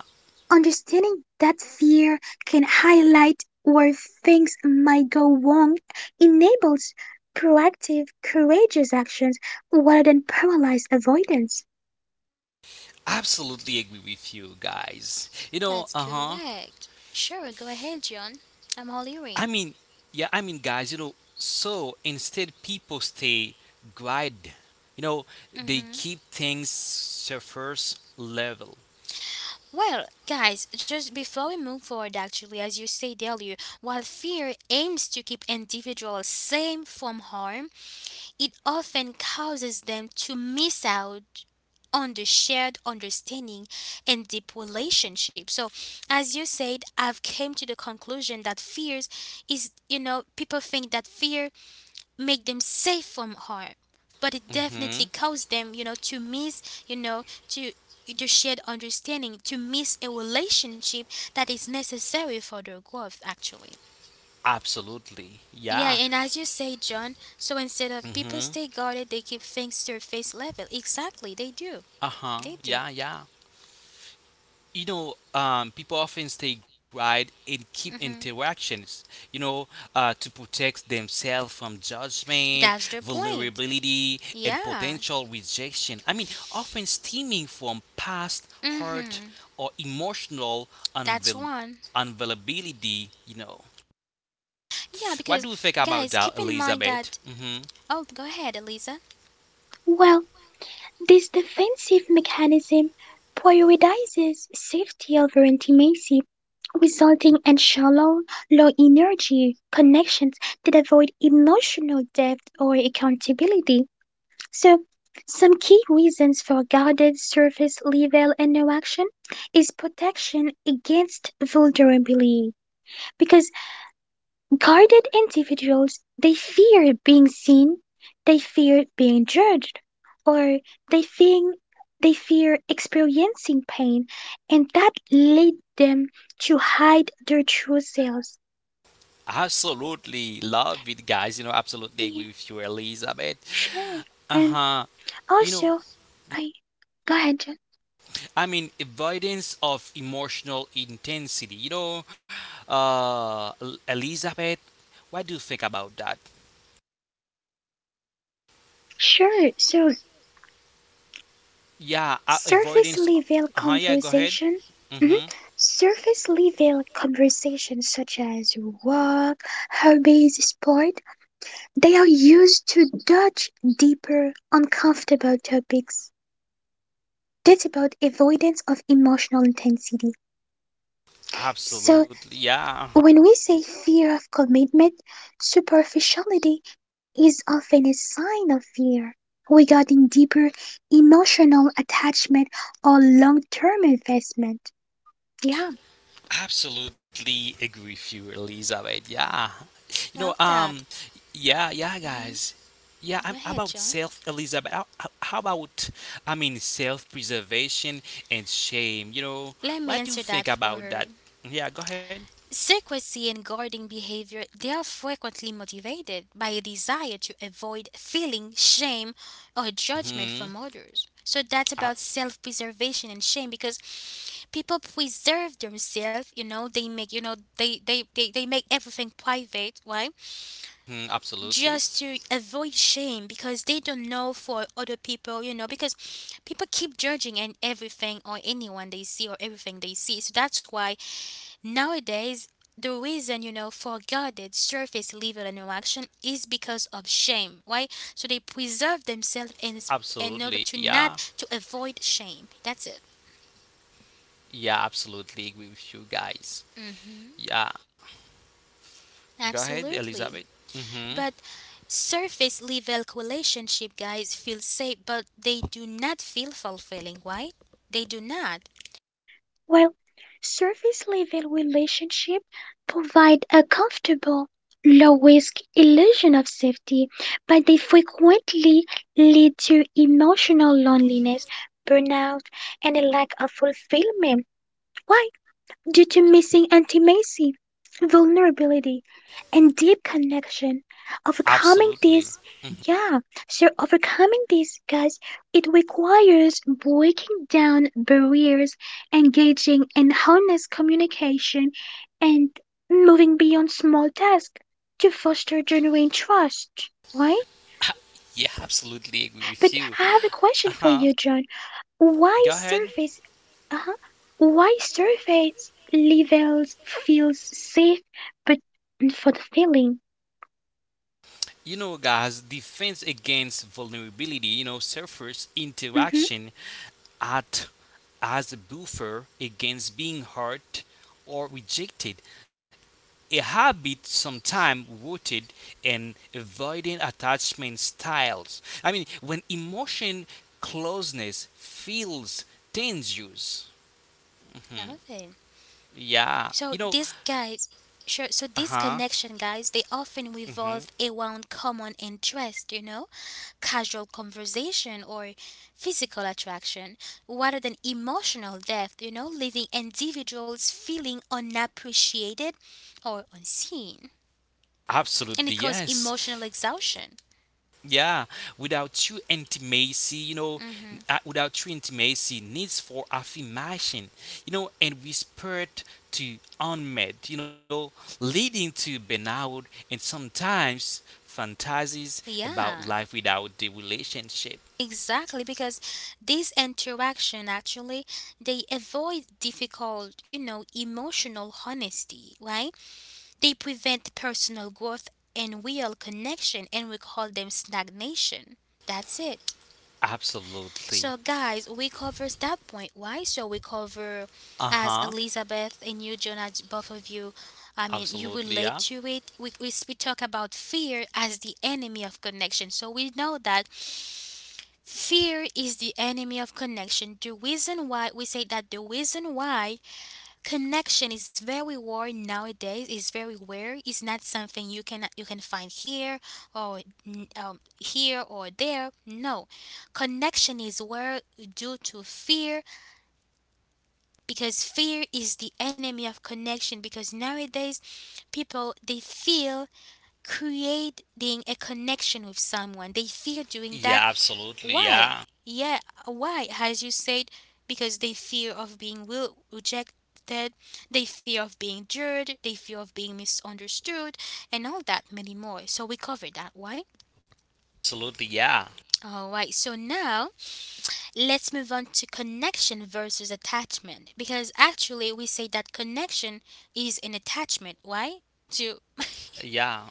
Speaker 3: understanding that fear can highlight where things might go wrong enables proactive, courageous actions rather than paralyzed avoidance.
Speaker 2: Absolutely agree with you guys. You
Speaker 1: That's
Speaker 2: know. Uh huh.
Speaker 1: correct. Sure, go ahead, John. I'm all
Speaker 2: I
Speaker 1: earing.
Speaker 2: mean, Guys, so instead people stay grind. You know, they
Speaker 1: Mm-hmm
Speaker 2: keep things surface level.
Speaker 1: well, guys, just before we move forward, actually, as you said earlier, while fear aims to keep individuals safe from harm, it often causes them to miss out on the shared understanding and deep relationship. So, as you said, I've came to the conclusion that fears is, you know, people think that fear make them safe from harm, but it definitely
Speaker 2: Mm-hmm.
Speaker 1: causes them, you know, to miss, you know, to the shared understanding, to miss a relationship that is necessary for their growth actually.
Speaker 2: Absolutely. Yeah.
Speaker 1: Yeah, and as you say, John, so instead of
Speaker 2: Mm-hmm.
Speaker 1: people stay guarded, they keep things to face level. Exactly, they do.
Speaker 2: Uh-huh.
Speaker 1: They
Speaker 2: Yeah,
Speaker 1: do.
Speaker 2: yeah. People often stay guide and keep
Speaker 1: Hmm.
Speaker 2: interactions, you know to protect themselves from judgment,
Speaker 1: That's the point.
Speaker 2: vulnerability, and
Speaker 1: Yeah.
Speaker 2: potential rejection, often stemming from past hurt
Speaker 1: Hmm.
Speaker 2: or emotional
Speaker 1: That's one.
Speaker 2: unavailability, you know.
Speaker 1: Yeah,
Speaker 2: What do you
Speaker 1: because,
Speaker 2: think about
Speaker 1: guys,
Speaker 2: that,
Speaker 1: keep in mind
Speaker 2: Elizabeth?
Speaker 1: that. Oh, go ahead, Elisa.
Speaker 3: Well, this defensive mechanism prioritizes safety over intimacy, resulting in shallow, low energy connections that avoid emotional depth or accountability. So, some key reasons for guarded surface level interaction is protection against vulnerability, because guarded individuals they fear being seen, they fear being judged, or they fear they fear experiencing pain, and that lead them to hide their true selves.
Speaker 2: Absolutely love it, guys. Absolutely agree
Speaker 3: Yeah,
Speaker 2: with you, Elizabeth.
Speaker 3: sure. And
Speaker 2: Uh-huh. You know,
Speaker 3: also, I, go ahead, John.
Speaker 2: avoidance of emotional intensity. Elizabeth, what do you think about that?
Speaker 3: Sure. So
Speaker 2: Yeah, avoidance.
Speaker 3: Surface-level
Speaker 2: Uh huh. Yeah, go ahead.
Speaker 3: conversation mhm.
Speaker 2: Mm-hmm.
Speaker 3: Surface-level conversations such as work, hobbies, sport, they are used to dodge deeper, uncomfortable topics. That's about avoidance of emotional intensity. So,
Speaker 2: Absolutely. Yeah. Uh huh.
Speaker 3: when we say fear of commitment, superficiality is often a sign of fear regarding deeper emotional attachment or long term investment. Yeah.
Speaker 2: Absolutely agree with you, Elizabeth. Yeah. You know,
Speaker 1: Love that.
Speaker 2: um, yeah, yeah, guys. Yeah,
Speaker 1: Go
Speaker 2: I'm
Speaker 1: ahead,
Speaker 2: about
Speaker 1: John.
Speaker 2: self, Elizabeth. How about, self preservation and shame?
Speaker 1: Let me
Speaker 2: What
Speaker 1: answer
Speaker 2: do you
Speaker 1: that
Speaker 2: think
Speaker 1: for her.
Speaker 2: about that? Yeah, go ahead.
Speaker 1: Secrecy and guarding behavior, they are frequently motivated by a desire to avoid feeling shame or judgment from
Speaker 2: Mhm.
Speaker 1: others. So that's about
Speaker 2: Uh,
Speaker 1: self-preservation and shame, because people preserve themselves, you know, they make, you know, they make everything private, right?
Speaker 2: mhm, absolutely.
Speaker 1: Just to avoid shame, because they don't know for other people, you know, because people keep judging and everything, or anyone they see, or everything they see. So that's why nowadays, the reason, you know, for guarded surface level interaction is because of shame. Why? So they preserve themselves in order
Speaker 2: Absolutely.
Speaker 1: to not
Speaker 2: Yeah.
Speaker 1: to avoid shame. That's it.
Speaker 2: Yeah, absolutely agree with you guys. Yeah. Go ahead,
Speaker 1: Absolutely.
Speaker 2: Elizabeth. Mhm.
Speaker 1: But surface level relationship, guys, feel safe, but they do not feel fulfilling. Why? They do not
Speaker 3: While surface level relationships provide a comfortable, low risk illusion of safety, but they frequently lead to emotional loneliness, burnout, and a lack of fulfillment. Why? Due to missing intimacy, vulnerability, and deep connection, overcoming
Speaker 2: Absolutely.
Speaker 3: this, yeah, so overcoming this, guys, it requires breaking down barriers, engaging in honest communication, and moving beyond small tasks to foster genuine trust, right?
Speaker 2: Yeah, absolutely agree with
Speaker 3: But
Speaker 2: you.
Speaker 3: I have a question for
Speaker 2: Uh-huh.
Speaker 3: you, John. Why
Speaker 2: Go ahead.
Speaker 3: surface uh-huh. Why surface levels feels safe, but for the feeling.
Speaker 2: Guys, defense against vulnerability, surface
Speaker 3: Mhm.
Speaker 2: interaction at as a buffer against being hurt or rejected. A habit sometimes rooted in avoiding attachment styles. When emotion closeness feels dangerous.
Speaker 1: love it.
Speaker 2: Yeah,
Speaker 1: So
Speaker 2: you know,
Speaker 1: these guys, sure.
Speaker 2: uh
Speaker 1: So
Speaker 2: huh,
Speaker 1: these connection, guys, they often
Speaker 2: hmm
Speaker 1: revolve around common interest. You know, casual conversation or physical attraction rather than emotional depth, you know, leaving individuals feeling unappreciated or unseen.
Speaker 2: absolutely,
Speaker 1: And it causes
Speaker 2: yes.
Speaker 1: emotional exhaustion.
Speaker 2: Yeah, without true intimacy,
Speaker 1: Hmm.
Speaker 2: without true intimacy, needs for affirmation, and whispered to unmet, leading to burnout and sometimes fantasies about
Speaker 1: Yeah.
Speaker 2: life without the relationship.
Speaker 1: Exactly, because this interaction actually, they avoid difficult, you know, emotional honesty, right? They prevent personal growth and real connection, and we call them stagnation. That's it.
Speaker 2: Absolutely.
Speaker 1: So, guys, we covers that point. Why? So we cover,
Speaker 2: Uh
Speaker 1: as
Speaker 2: huh.
Speaker 1: Elizabeth and you, Jonas, both of you. I mean, you
Speaker 2: Absolutely. Yeah.
Speaker 1: relate to it. We talk about fear as the enemy of connection. So we know that fear is the enemy of connection. The reason why we say that, the reason why connection is very rare nowadays. It's very rare, it's not something you can find here or here or there. No, connection is rare due to fear, because fear is the enemy of connection. Because nowadays people, they feel creating a connection with someone, they fear doing that.
Speaker 2: Yeah. Absolutely.
Speaker 1: Why?
Speaker 2: Yeah.
Speaker 1: Yeah, why? As you said, because they fear of being will rejected, they fear of being judged, they fear of being misunderstood, and all that many more. So we covered that. Why?
Speaker 2: Absolutely. Yeah.
Speaker 1: All right. So now let's move on to connection versus attachment, because actually we say that connection is an attachment. Why? To
Speaker 2: Yeah.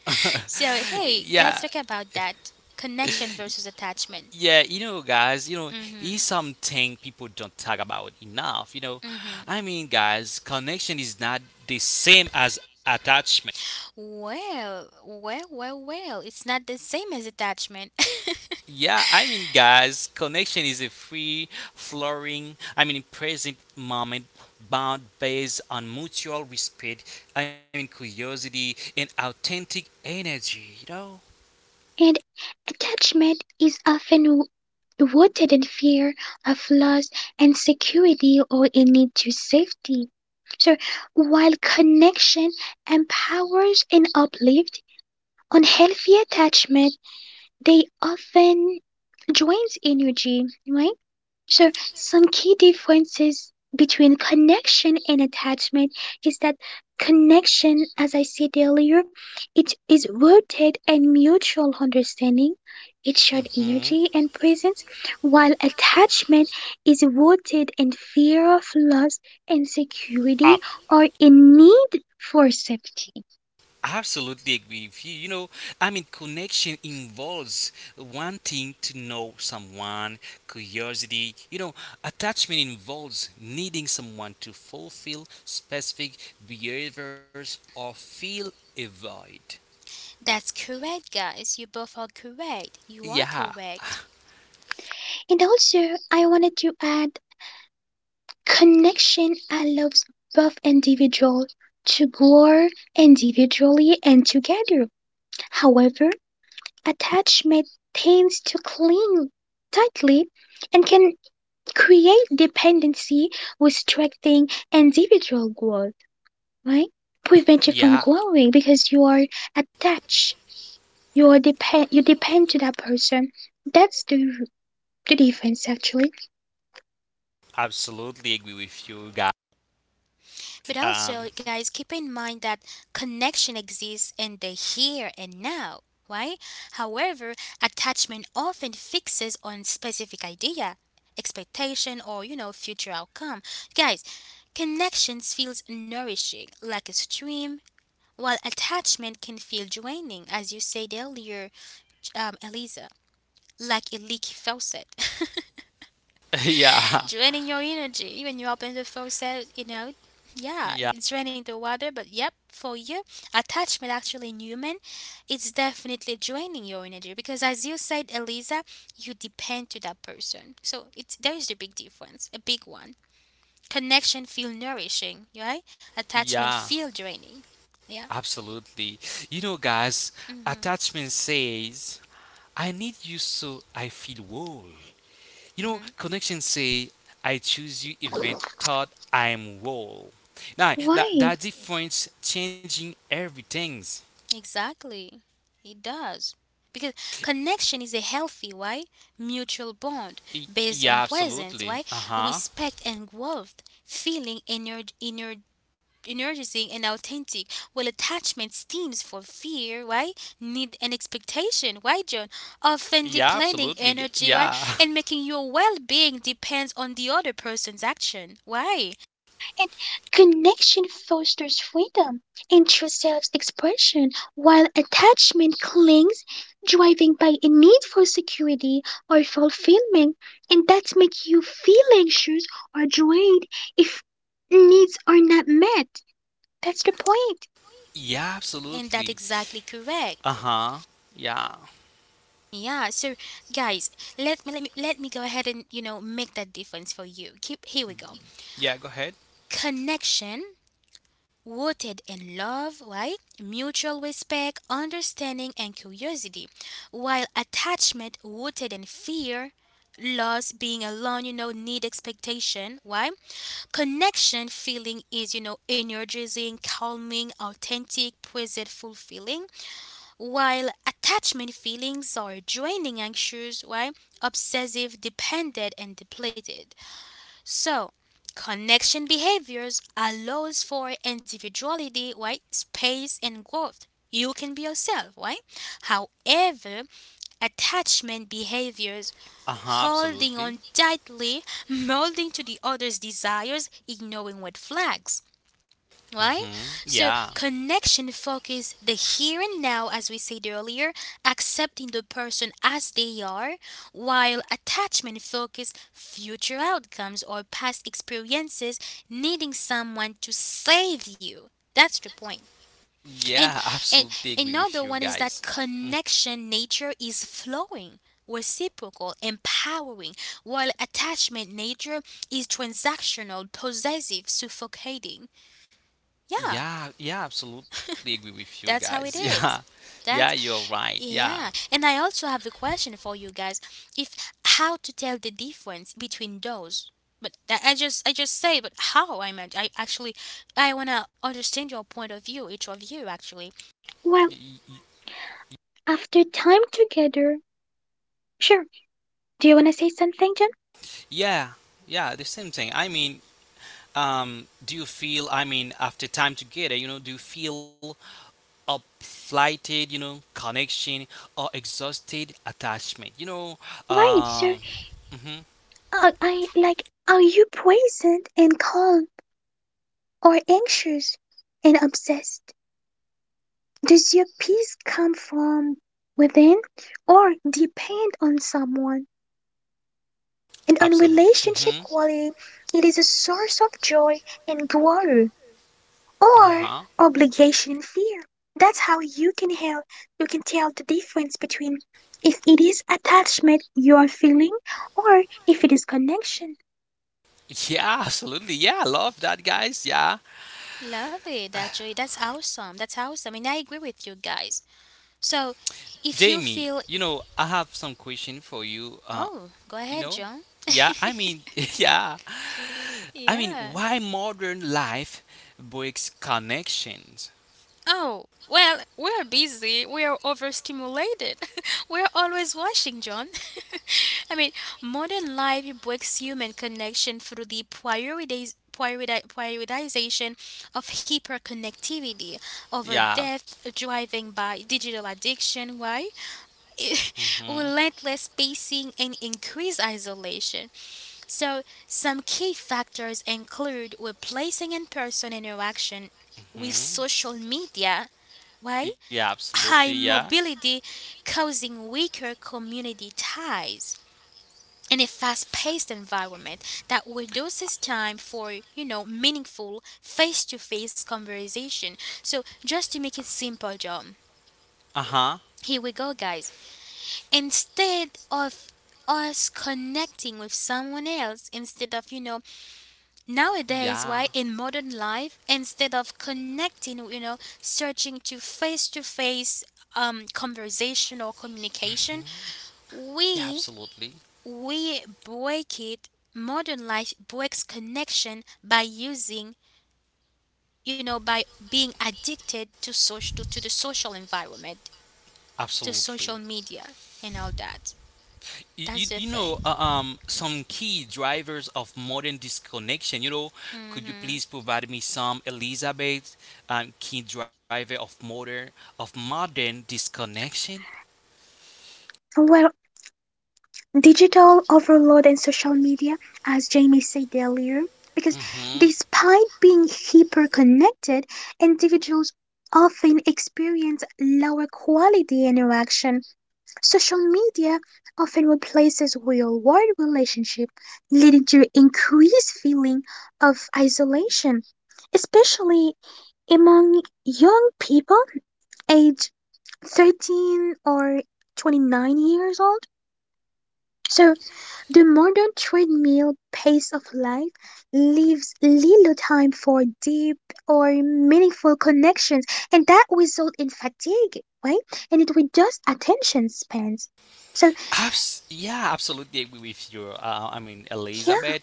Speaker 1: so hey,
Speaker 2: Yeah.
Speaker 1: let's talk about that, connection versus attachment.
Speaker 2: Yeah, is
Speaker 1: Mhm.
Speaker 2: something people don't talk about enough.
Speaker 1: Mhm.
Speaker 2: Guys, connection is not the same as attachment.
Speaker 1: Well, it's not the same as attachment.
Speaker 2: Yeah, guys, connection is a free, flowering, present moment bound based on mutual respect, curiosity, and authentic energy, you know?
Speaker 3: And attachment is often rooted in fear of loss, insecurity, or a need to safety. So while connection empowers and uplifts, unhealthy attachment they often drains energy, right? Sure, some key differences between connection and attachment is that connection, as I said earlier, it is rooted in mutual understanding, it's shared
Speaker 2: hmm
Speaker 3: energy and presence, while attachment is rooted in fear of loss, insecurity, or a need for safety.
Speaker 2: Absolutely agree with you. Connection involves wanting to know someone, curiosity. Attachment involves needing someone to fulfill specific behaviors or feel a void.
Speaker 1: That's correct, guys. You both are correct. You are
Speaker 2: Yeah,
Speaker 1: correct.
Speaker 3: And also, I wanted to add, connection allows both individuals to grow individually and together. However, attachment tends to cling tightly and can create dependency, restricting individual growth, right? Prevent you
Speaker 2: yeah,
Speaker 3: from growing because you are attached. You depend to that person. That's the difference actually.
Speaker 2: absolutely agree with you, guys.
Speaker 1: But
Speaker 2: Um,
Speaker 1: also, guys, keep in mind that connection exists in the here and now, right? However, attachment often fixes on specific idea, expectation, or, you know, future outcome. Guys, connections feels nourishing, like a stream, while attachment can feel draining, as you said earlier, Eliza, like a leaky faucet,
Speaker 2: yeah,
Speaker 1: draining your energy when you open the faucet. You know, yeah,
Speaker 2: yeah,
Speaker 1: it's draining the water. But yep, for you, attachment actually in human, it's definitely draining your energy because, as you said, Eliza, you depend to that person. So it's there is the big difference, a big one. Connection feel nourishing, right? Attachment
Speaker 2: yeah,
Speaker 1: feel draining. Yeah.
Speaker 2: absolutely. Guys,
Speaker 1: Mm-hmm.
Speaker 2: attachment says, I need you so I feel whole.
Speaker 1: Mm-hmm.
Speaker 2: Connections say, I choose you event thought I'm whole. Now,
Speaker 3: Why?
Speaker 2: that difference changing everything.
Speaker 1: Exactly. It does. Because connection is a healthy, why? Mutual bond based on
Speaker 2: Yeah,
Speaker 1: presence,
Speaker 2: absolutely.
Speaker 1: why?
Speaker 2: Uh huh.
Speaker 1: Respect and growth, feeling energizing and authentic. Well, attachment stems for fear, why? Need and expectation, why, John? Often
Speaker 2: Yeah,
Speaker 1: depleting
Speaker 2: absolutely.
Speaker 1: energy, why?
Speaker 2: Yeah.
Speaker 1: And making your well being depends on the other person's action, why?
Speaker 3: And connection fosters freedom and true self expression, while attachment clings, driven by a need for security or fulfillment, and that makes you feel anxious or drained if needs are not met. That's the point.
Speaker 2: Yeah,
Speaker 1: And
Speaker 2: absolutely.
Speaker 1: that exactly
Speaker 2: Uh
Speaker 1: correct.
Speaker 2: huh. Yeah.
Speaker 1: Yeah, so guys, let me go ahead and, you know, make that difference for you. Keep here we go.
Speaker 2: Yeah, go ahead.
Speaker 1: Connection rooted in love, right? Mutual respect, understanding and curiosity. While attachment rooted in fear, loss, being alone, you know, need expectation, right? Connection feeling is, you know, energizing, calming, authentic, present, fulfilling. While attachment feelings are draining, anxious, why, obsessive, dependent, and depleted. So, connection behaviors allows for individuality, right? Space and growth. You can be yourself, right? However, attachment behaviors
Speaker 2: Uh huh,
Speaker 1: holding on
Speaker 2: absolutely.
Speaker 1: tightly, molding to the other's desires, ignoring red flags. Right?
Speaker 2: Mm-hmm.
Speaker 1: So
Speaker 2: Yeah.
Speaker 1: connection focus the here and now, as we said earlier, accepting the person as they are, while attachment focus future outcomes or past experiences, needing someone to save you. That's the point. And
Speaker 2: Yeah,
Speaker 1: and
Speaker 2: absolutely agree
Speaker 1: another
Speaker 2: with
Speaker 1: one
Speaker 2: you
Speaker 1: is that
Speaker 2: guys.
Speaker 1: connection nature is flowing, reciprocal, empowering, while attachment nature is transactional, possessive, suffocating. Yeah.
Speaker 2: Yeah, yeah, absolutely agree with you
Speaker 1: That's how it
Speaker 2: guys.
Speaker 1: is.
Speaker 2: Yeah. Yeah, you're
Speaker 1: That's
Speaker 2: right. Yeah.
Speaker 1: yeah. And I also have a question for you guys. If how to tell the difference between those. But that I just say, but how I meant I actually I wanna understand your point of view, each of you actually.
Speaker 3: Well, after time together, sure. Do you want to say something, John?
Speaker 2: Yeah, yeah, the same thing. Do you feel, after time together, do you feel uplighted, connection or exhausted attachment?
Speaker 3: Right.
Speaker 2: Um,
Speaker 3: So,
Speaker 2: mm-hmm,
Speaker 3: are you present and calm, or anxious and obsessed? Does your peace come from within or depend on someone? And on
Speaker 2: absolute.
Speaker 3: relationship
Speaker 2: Mm-hmm.
Speaker 3: quality, it is a source of joy and glory or
Speaker 2: Uh-huh.
Speaker 3: obligation and fear. That's how you can help, you can tell the difference between if it is attachment you are feeling or if it is connection.
Speaker 2: Yeah, absolutely. Yeah, I love that, guys. Yeah.
Speaker 1: Love it actually. That's awesome. That's awesome. And I agree with you guys. So if you
Speaker 2: Jamie,
Speaker 1: feel
Speaker 2: I have some question for you.
Speaker 1: oh, go
Speaker 2: You
Speaker 1: ahead,
Speaker 2: know
Speaker 1: John.
Speaker 2: Yeah, yeah,
Speaker 1: Yeah.
Speaker 2: why modern life breaks connections.
Speaker 1: Oh, well, we're busy. We're overstimulated. We're always washing, John. I mean, modern life breaks human connection through the priorities. Prioritization of hyperconnectivity over
Speaker 2: Yeah.
Speaker 1: depth, driving by digital addiction, why?
Speaker 2: hmm
Speaker 1: Relentless pacing and increased isolation. So, some key factors include replacing in person interaction with
Speaker 2: hmm
Speaker 1: social media, why?
Speaker 2: yeah, absolutely,
Speaker 1: High
Speaker 2: yeah.
Speaker 1: mobility causing weaker community ties in a fast-paced environment that reduces time for, you know, meaningful face-to-face conversation. So, just to make it simple, John,
Speaker 2: Uh-huh.
Speaker 1: here we go, guys. Instead of us connecting with someone else, instead of, you know, nowadays,
Speaker 2: Yeah,
Speaker 1: why in modern life, instead of connecting, you know, searching to face conversation or communication,
Speaker 2: yeah,
Speaker 1: we
Speaker 2: absolutely,
Speaker 1: we break it. Modern life breaks connection by using, you know, by being addicted to social to the social environment, to
Speaker 2: absolutely.
Speaker 1: social media and all that. That's
Speaker 2: You
Speaker 1: the
Speaker 2: know,
Speaker 1: thing.
Speaker 2: some key drivers of modern disconnection. Could you
Speaker 1: Mm.
Speaker 2: please provide me some, Elizabeth, key driver of modern disconnection?
Speaker 3: Well, digital overload and social media, as Jamie said earlier, because
Speaker 2: Mm-hmm.
Speaker 3: despite being hyper connected, individuals often experience lower quality interaction. Social media often replaces real world relationship, leading to increased feeling of isolation, especially among young people aged 13 or 29 years old. So the modern treadmill pace of life leaves little time for deep or meaningful connections and that results in fatigue, right? And it reduces attention spans. So
Speaker 2: Yeah, absolutely agree with you.
Speaker 3: yeah,
Speaker 2: Elizabeth.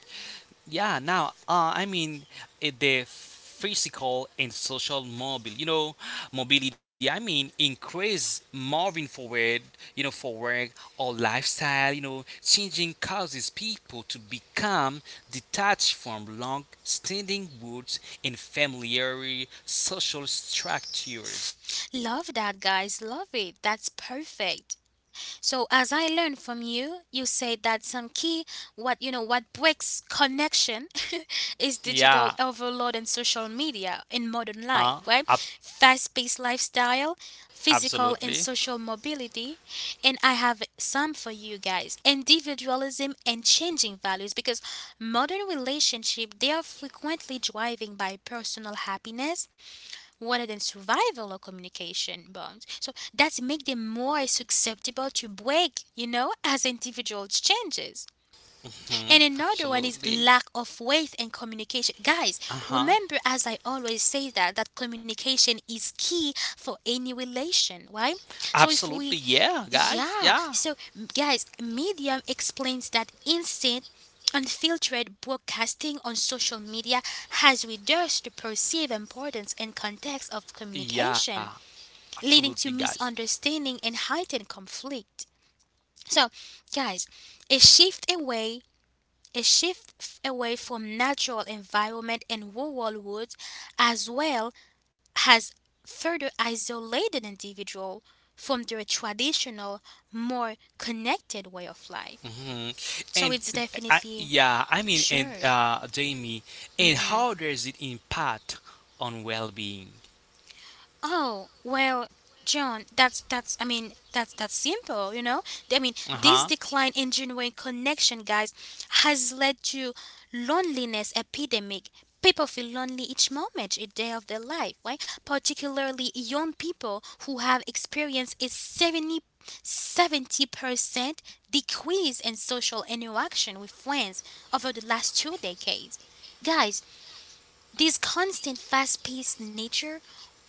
Speaker 2: Yeah, now, the physical and social mobility, mobility, increase moving forward, for work or lifestyle, changing causes people to become detached from long standing roots and familiar social structures.
Speaker 1: Love that, guys. Love it. That's perfect. So as I learned from you, you said that some key, what, you know, what breaks connection is digital
Speaker 2: Yeah,
Speaker 1: overload and social media in modern
Speaker 2: uh,
Speaker 1: life, right?
Speaker 2: abs-
Speaker 1: Fast-paced lifestyle,
Speaker 2: absolutely.
Speaker 1: physical and social mobility, and I have some for you guys. Individualism and changing values, because modern relationship they are frequently driving by personal happiness rather than survival or communication bonds. So that's make them more susceptible to break, you know, as individuals changes. And another one is
Speaker 2: Absolutely.
Speaker 1: lack of faith and communication. Guys,
Speaker 2: Uh huh.
Speaker 1: remember, as I always say, that communication is key for any relation, right? So if
Speaker 2: Absolutely,
Speaker 1: we
Speaker 2: yeah, guys.
Speaker 1: yeah,
Speaker 2: Yeah.
Speaker 1: so guys, Medium explains that instant unfiltered broadcasting on social media has reduced the perceived importance and context of
Speaker 2: Yeah.
Speaker 1: communication,
Speaker 2: Absolutely,
Speaker 1: leading to
Speaker 2: guys.
Speaker 1: misunderstanding and heightened conflict. So, guys, a shift away a shift away from natural environment and rural woods, as well, has further isolated individual from their traditional, more connected way of life.
Speaker 2: hmm
Speaker 1: So
Speaker 2: And
Speaker 1: it's
Speaker 2: I,
Speaker 1: definitely
Speaker 2: yeah, I mean, and
Speaker 1: sure.
Speaker 2: Jamie, and how does it impact on well-being?
Speaker 1: Oh, well, John, that's I mean, that's simple, you know? I mean,
Speaker 2: Uh
Speaker 1: this
Speaker 2: huh.
Speaker 1: decline in genuine connection, guys, has led to loneliness epidemic. People feel lonely each moment, each day of their life, right? Particularly young people who have experienced a seventy percent decrease in social interaction with friends over the last 2 decades. Guys, this constant fast paced nature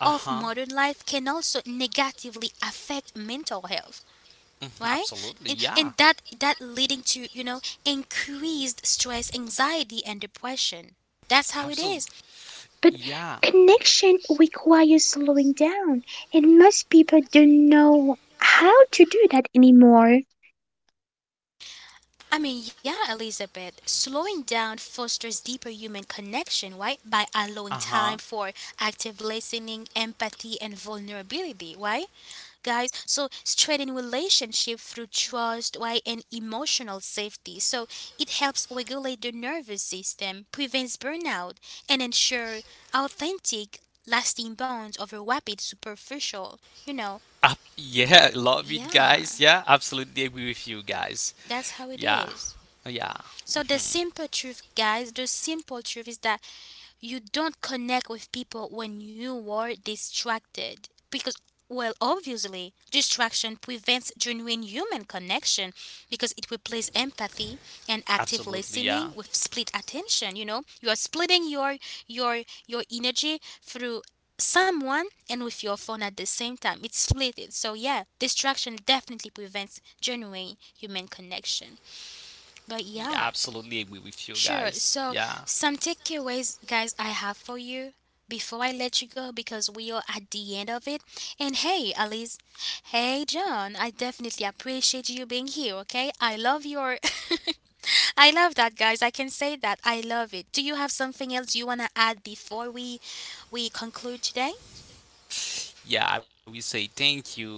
Speaker 2: Uh huh.
Speaker 1: modern life can also negatively affect mental health, right?
Speaker 2: Absolutely.
Speaker 1: And,
Speaker 2: Yeah.
Speaker 1: that leading to, you know, increased stress, anxiety and depression. That's how it is.
Speaker 2: Absolutely.
Speaker 3: but
Speaker 2: Yeah.
Speaker 3: connection requires slowing down and most people don't know how to do that anymore.
Speaker 1: I mean, yeah, Elizabeth, slowing down fosters deeper human connection, right? By allowing
Speaker 2: Uh
Speaker 1: time
Speaker 2: huh.
Speaker 1: for active listening, empathy, and vulnerability, right? Guys. So strengthening relationship through trust, why, and emotional safety. So it helps regulate the nervous system, prevents burnout, and ensure authentic, lasting bonds over rapid superficial. You know,
Speaker 2: Yeah. Love it,
Speaker 1: yeah,
Speaker 2: guys. Yeah. Absolutely agree with you guys.
Speaker 1: that's how it
Speaker 2: Yeah.
Speaker 1: is.
Speaker 2: Yeah.
Speaker 1: So the
Speaker 2: Mm-hmm.
Speaker 1: simple truth, guys, the simple truth is that you don't connect with people when you are distracted, because, well, obviously distraction prevents genuine human connection, because it replaces empathy and active
Speaker 2: Absolutely,
Speaker 1: listening
Speaker 2: yeah.
Speaker 1: with split attention. You know, you are splitting your energy through someone and with your phone at the same time. It's split. So yeah, distraction definitely prevents genuine human connection. But yeah,
Speaker 2: Yeah, absolutely agree with you
Speaker 1: sure. So,
Speaker 2: guys. Yeah.
Speaker 1: some takeaways, guys, I have for you before I let you go, because we are at the end of it. And hey, Alice. Hey, John. I definitely appreciate you being here, okay? I love your. I love that, guys. I can say that. I love it. Do you have something else you want to add before we conclude today?
Speaker 2: Yeah, I will say thank you.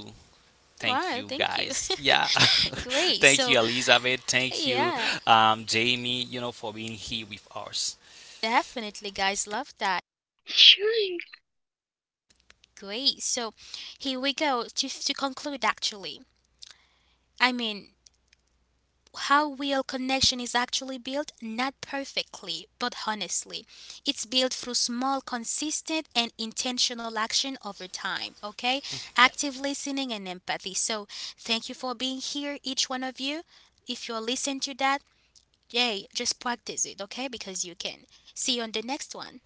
Speaker 2: Thank you
Speaker 1: Wow, thank you.
Speaker 2: guys. Yeah.
Speaker 1: Great.
Speaker 2: Thank you,
Speaker 1: So,
Speaker 2: Elizabeth. Thank you,
Speaker 1: yeah,
Speaker 2: Jamie, for being here with us.
Speaker 1: definitely, guys. Love that.
Speaker 3: Sure,
Speaker 1: Great. So, here we go to conclude actually. I mean, how real connection is actually built, not perfectly, but honestly. It's built through small, consistent, and intentional action over time, okay? Active listening and empathy. So, thank you for being here, each one of you. If you're listening to that, yay, just practice it, okay? Because you can. See you on the next one.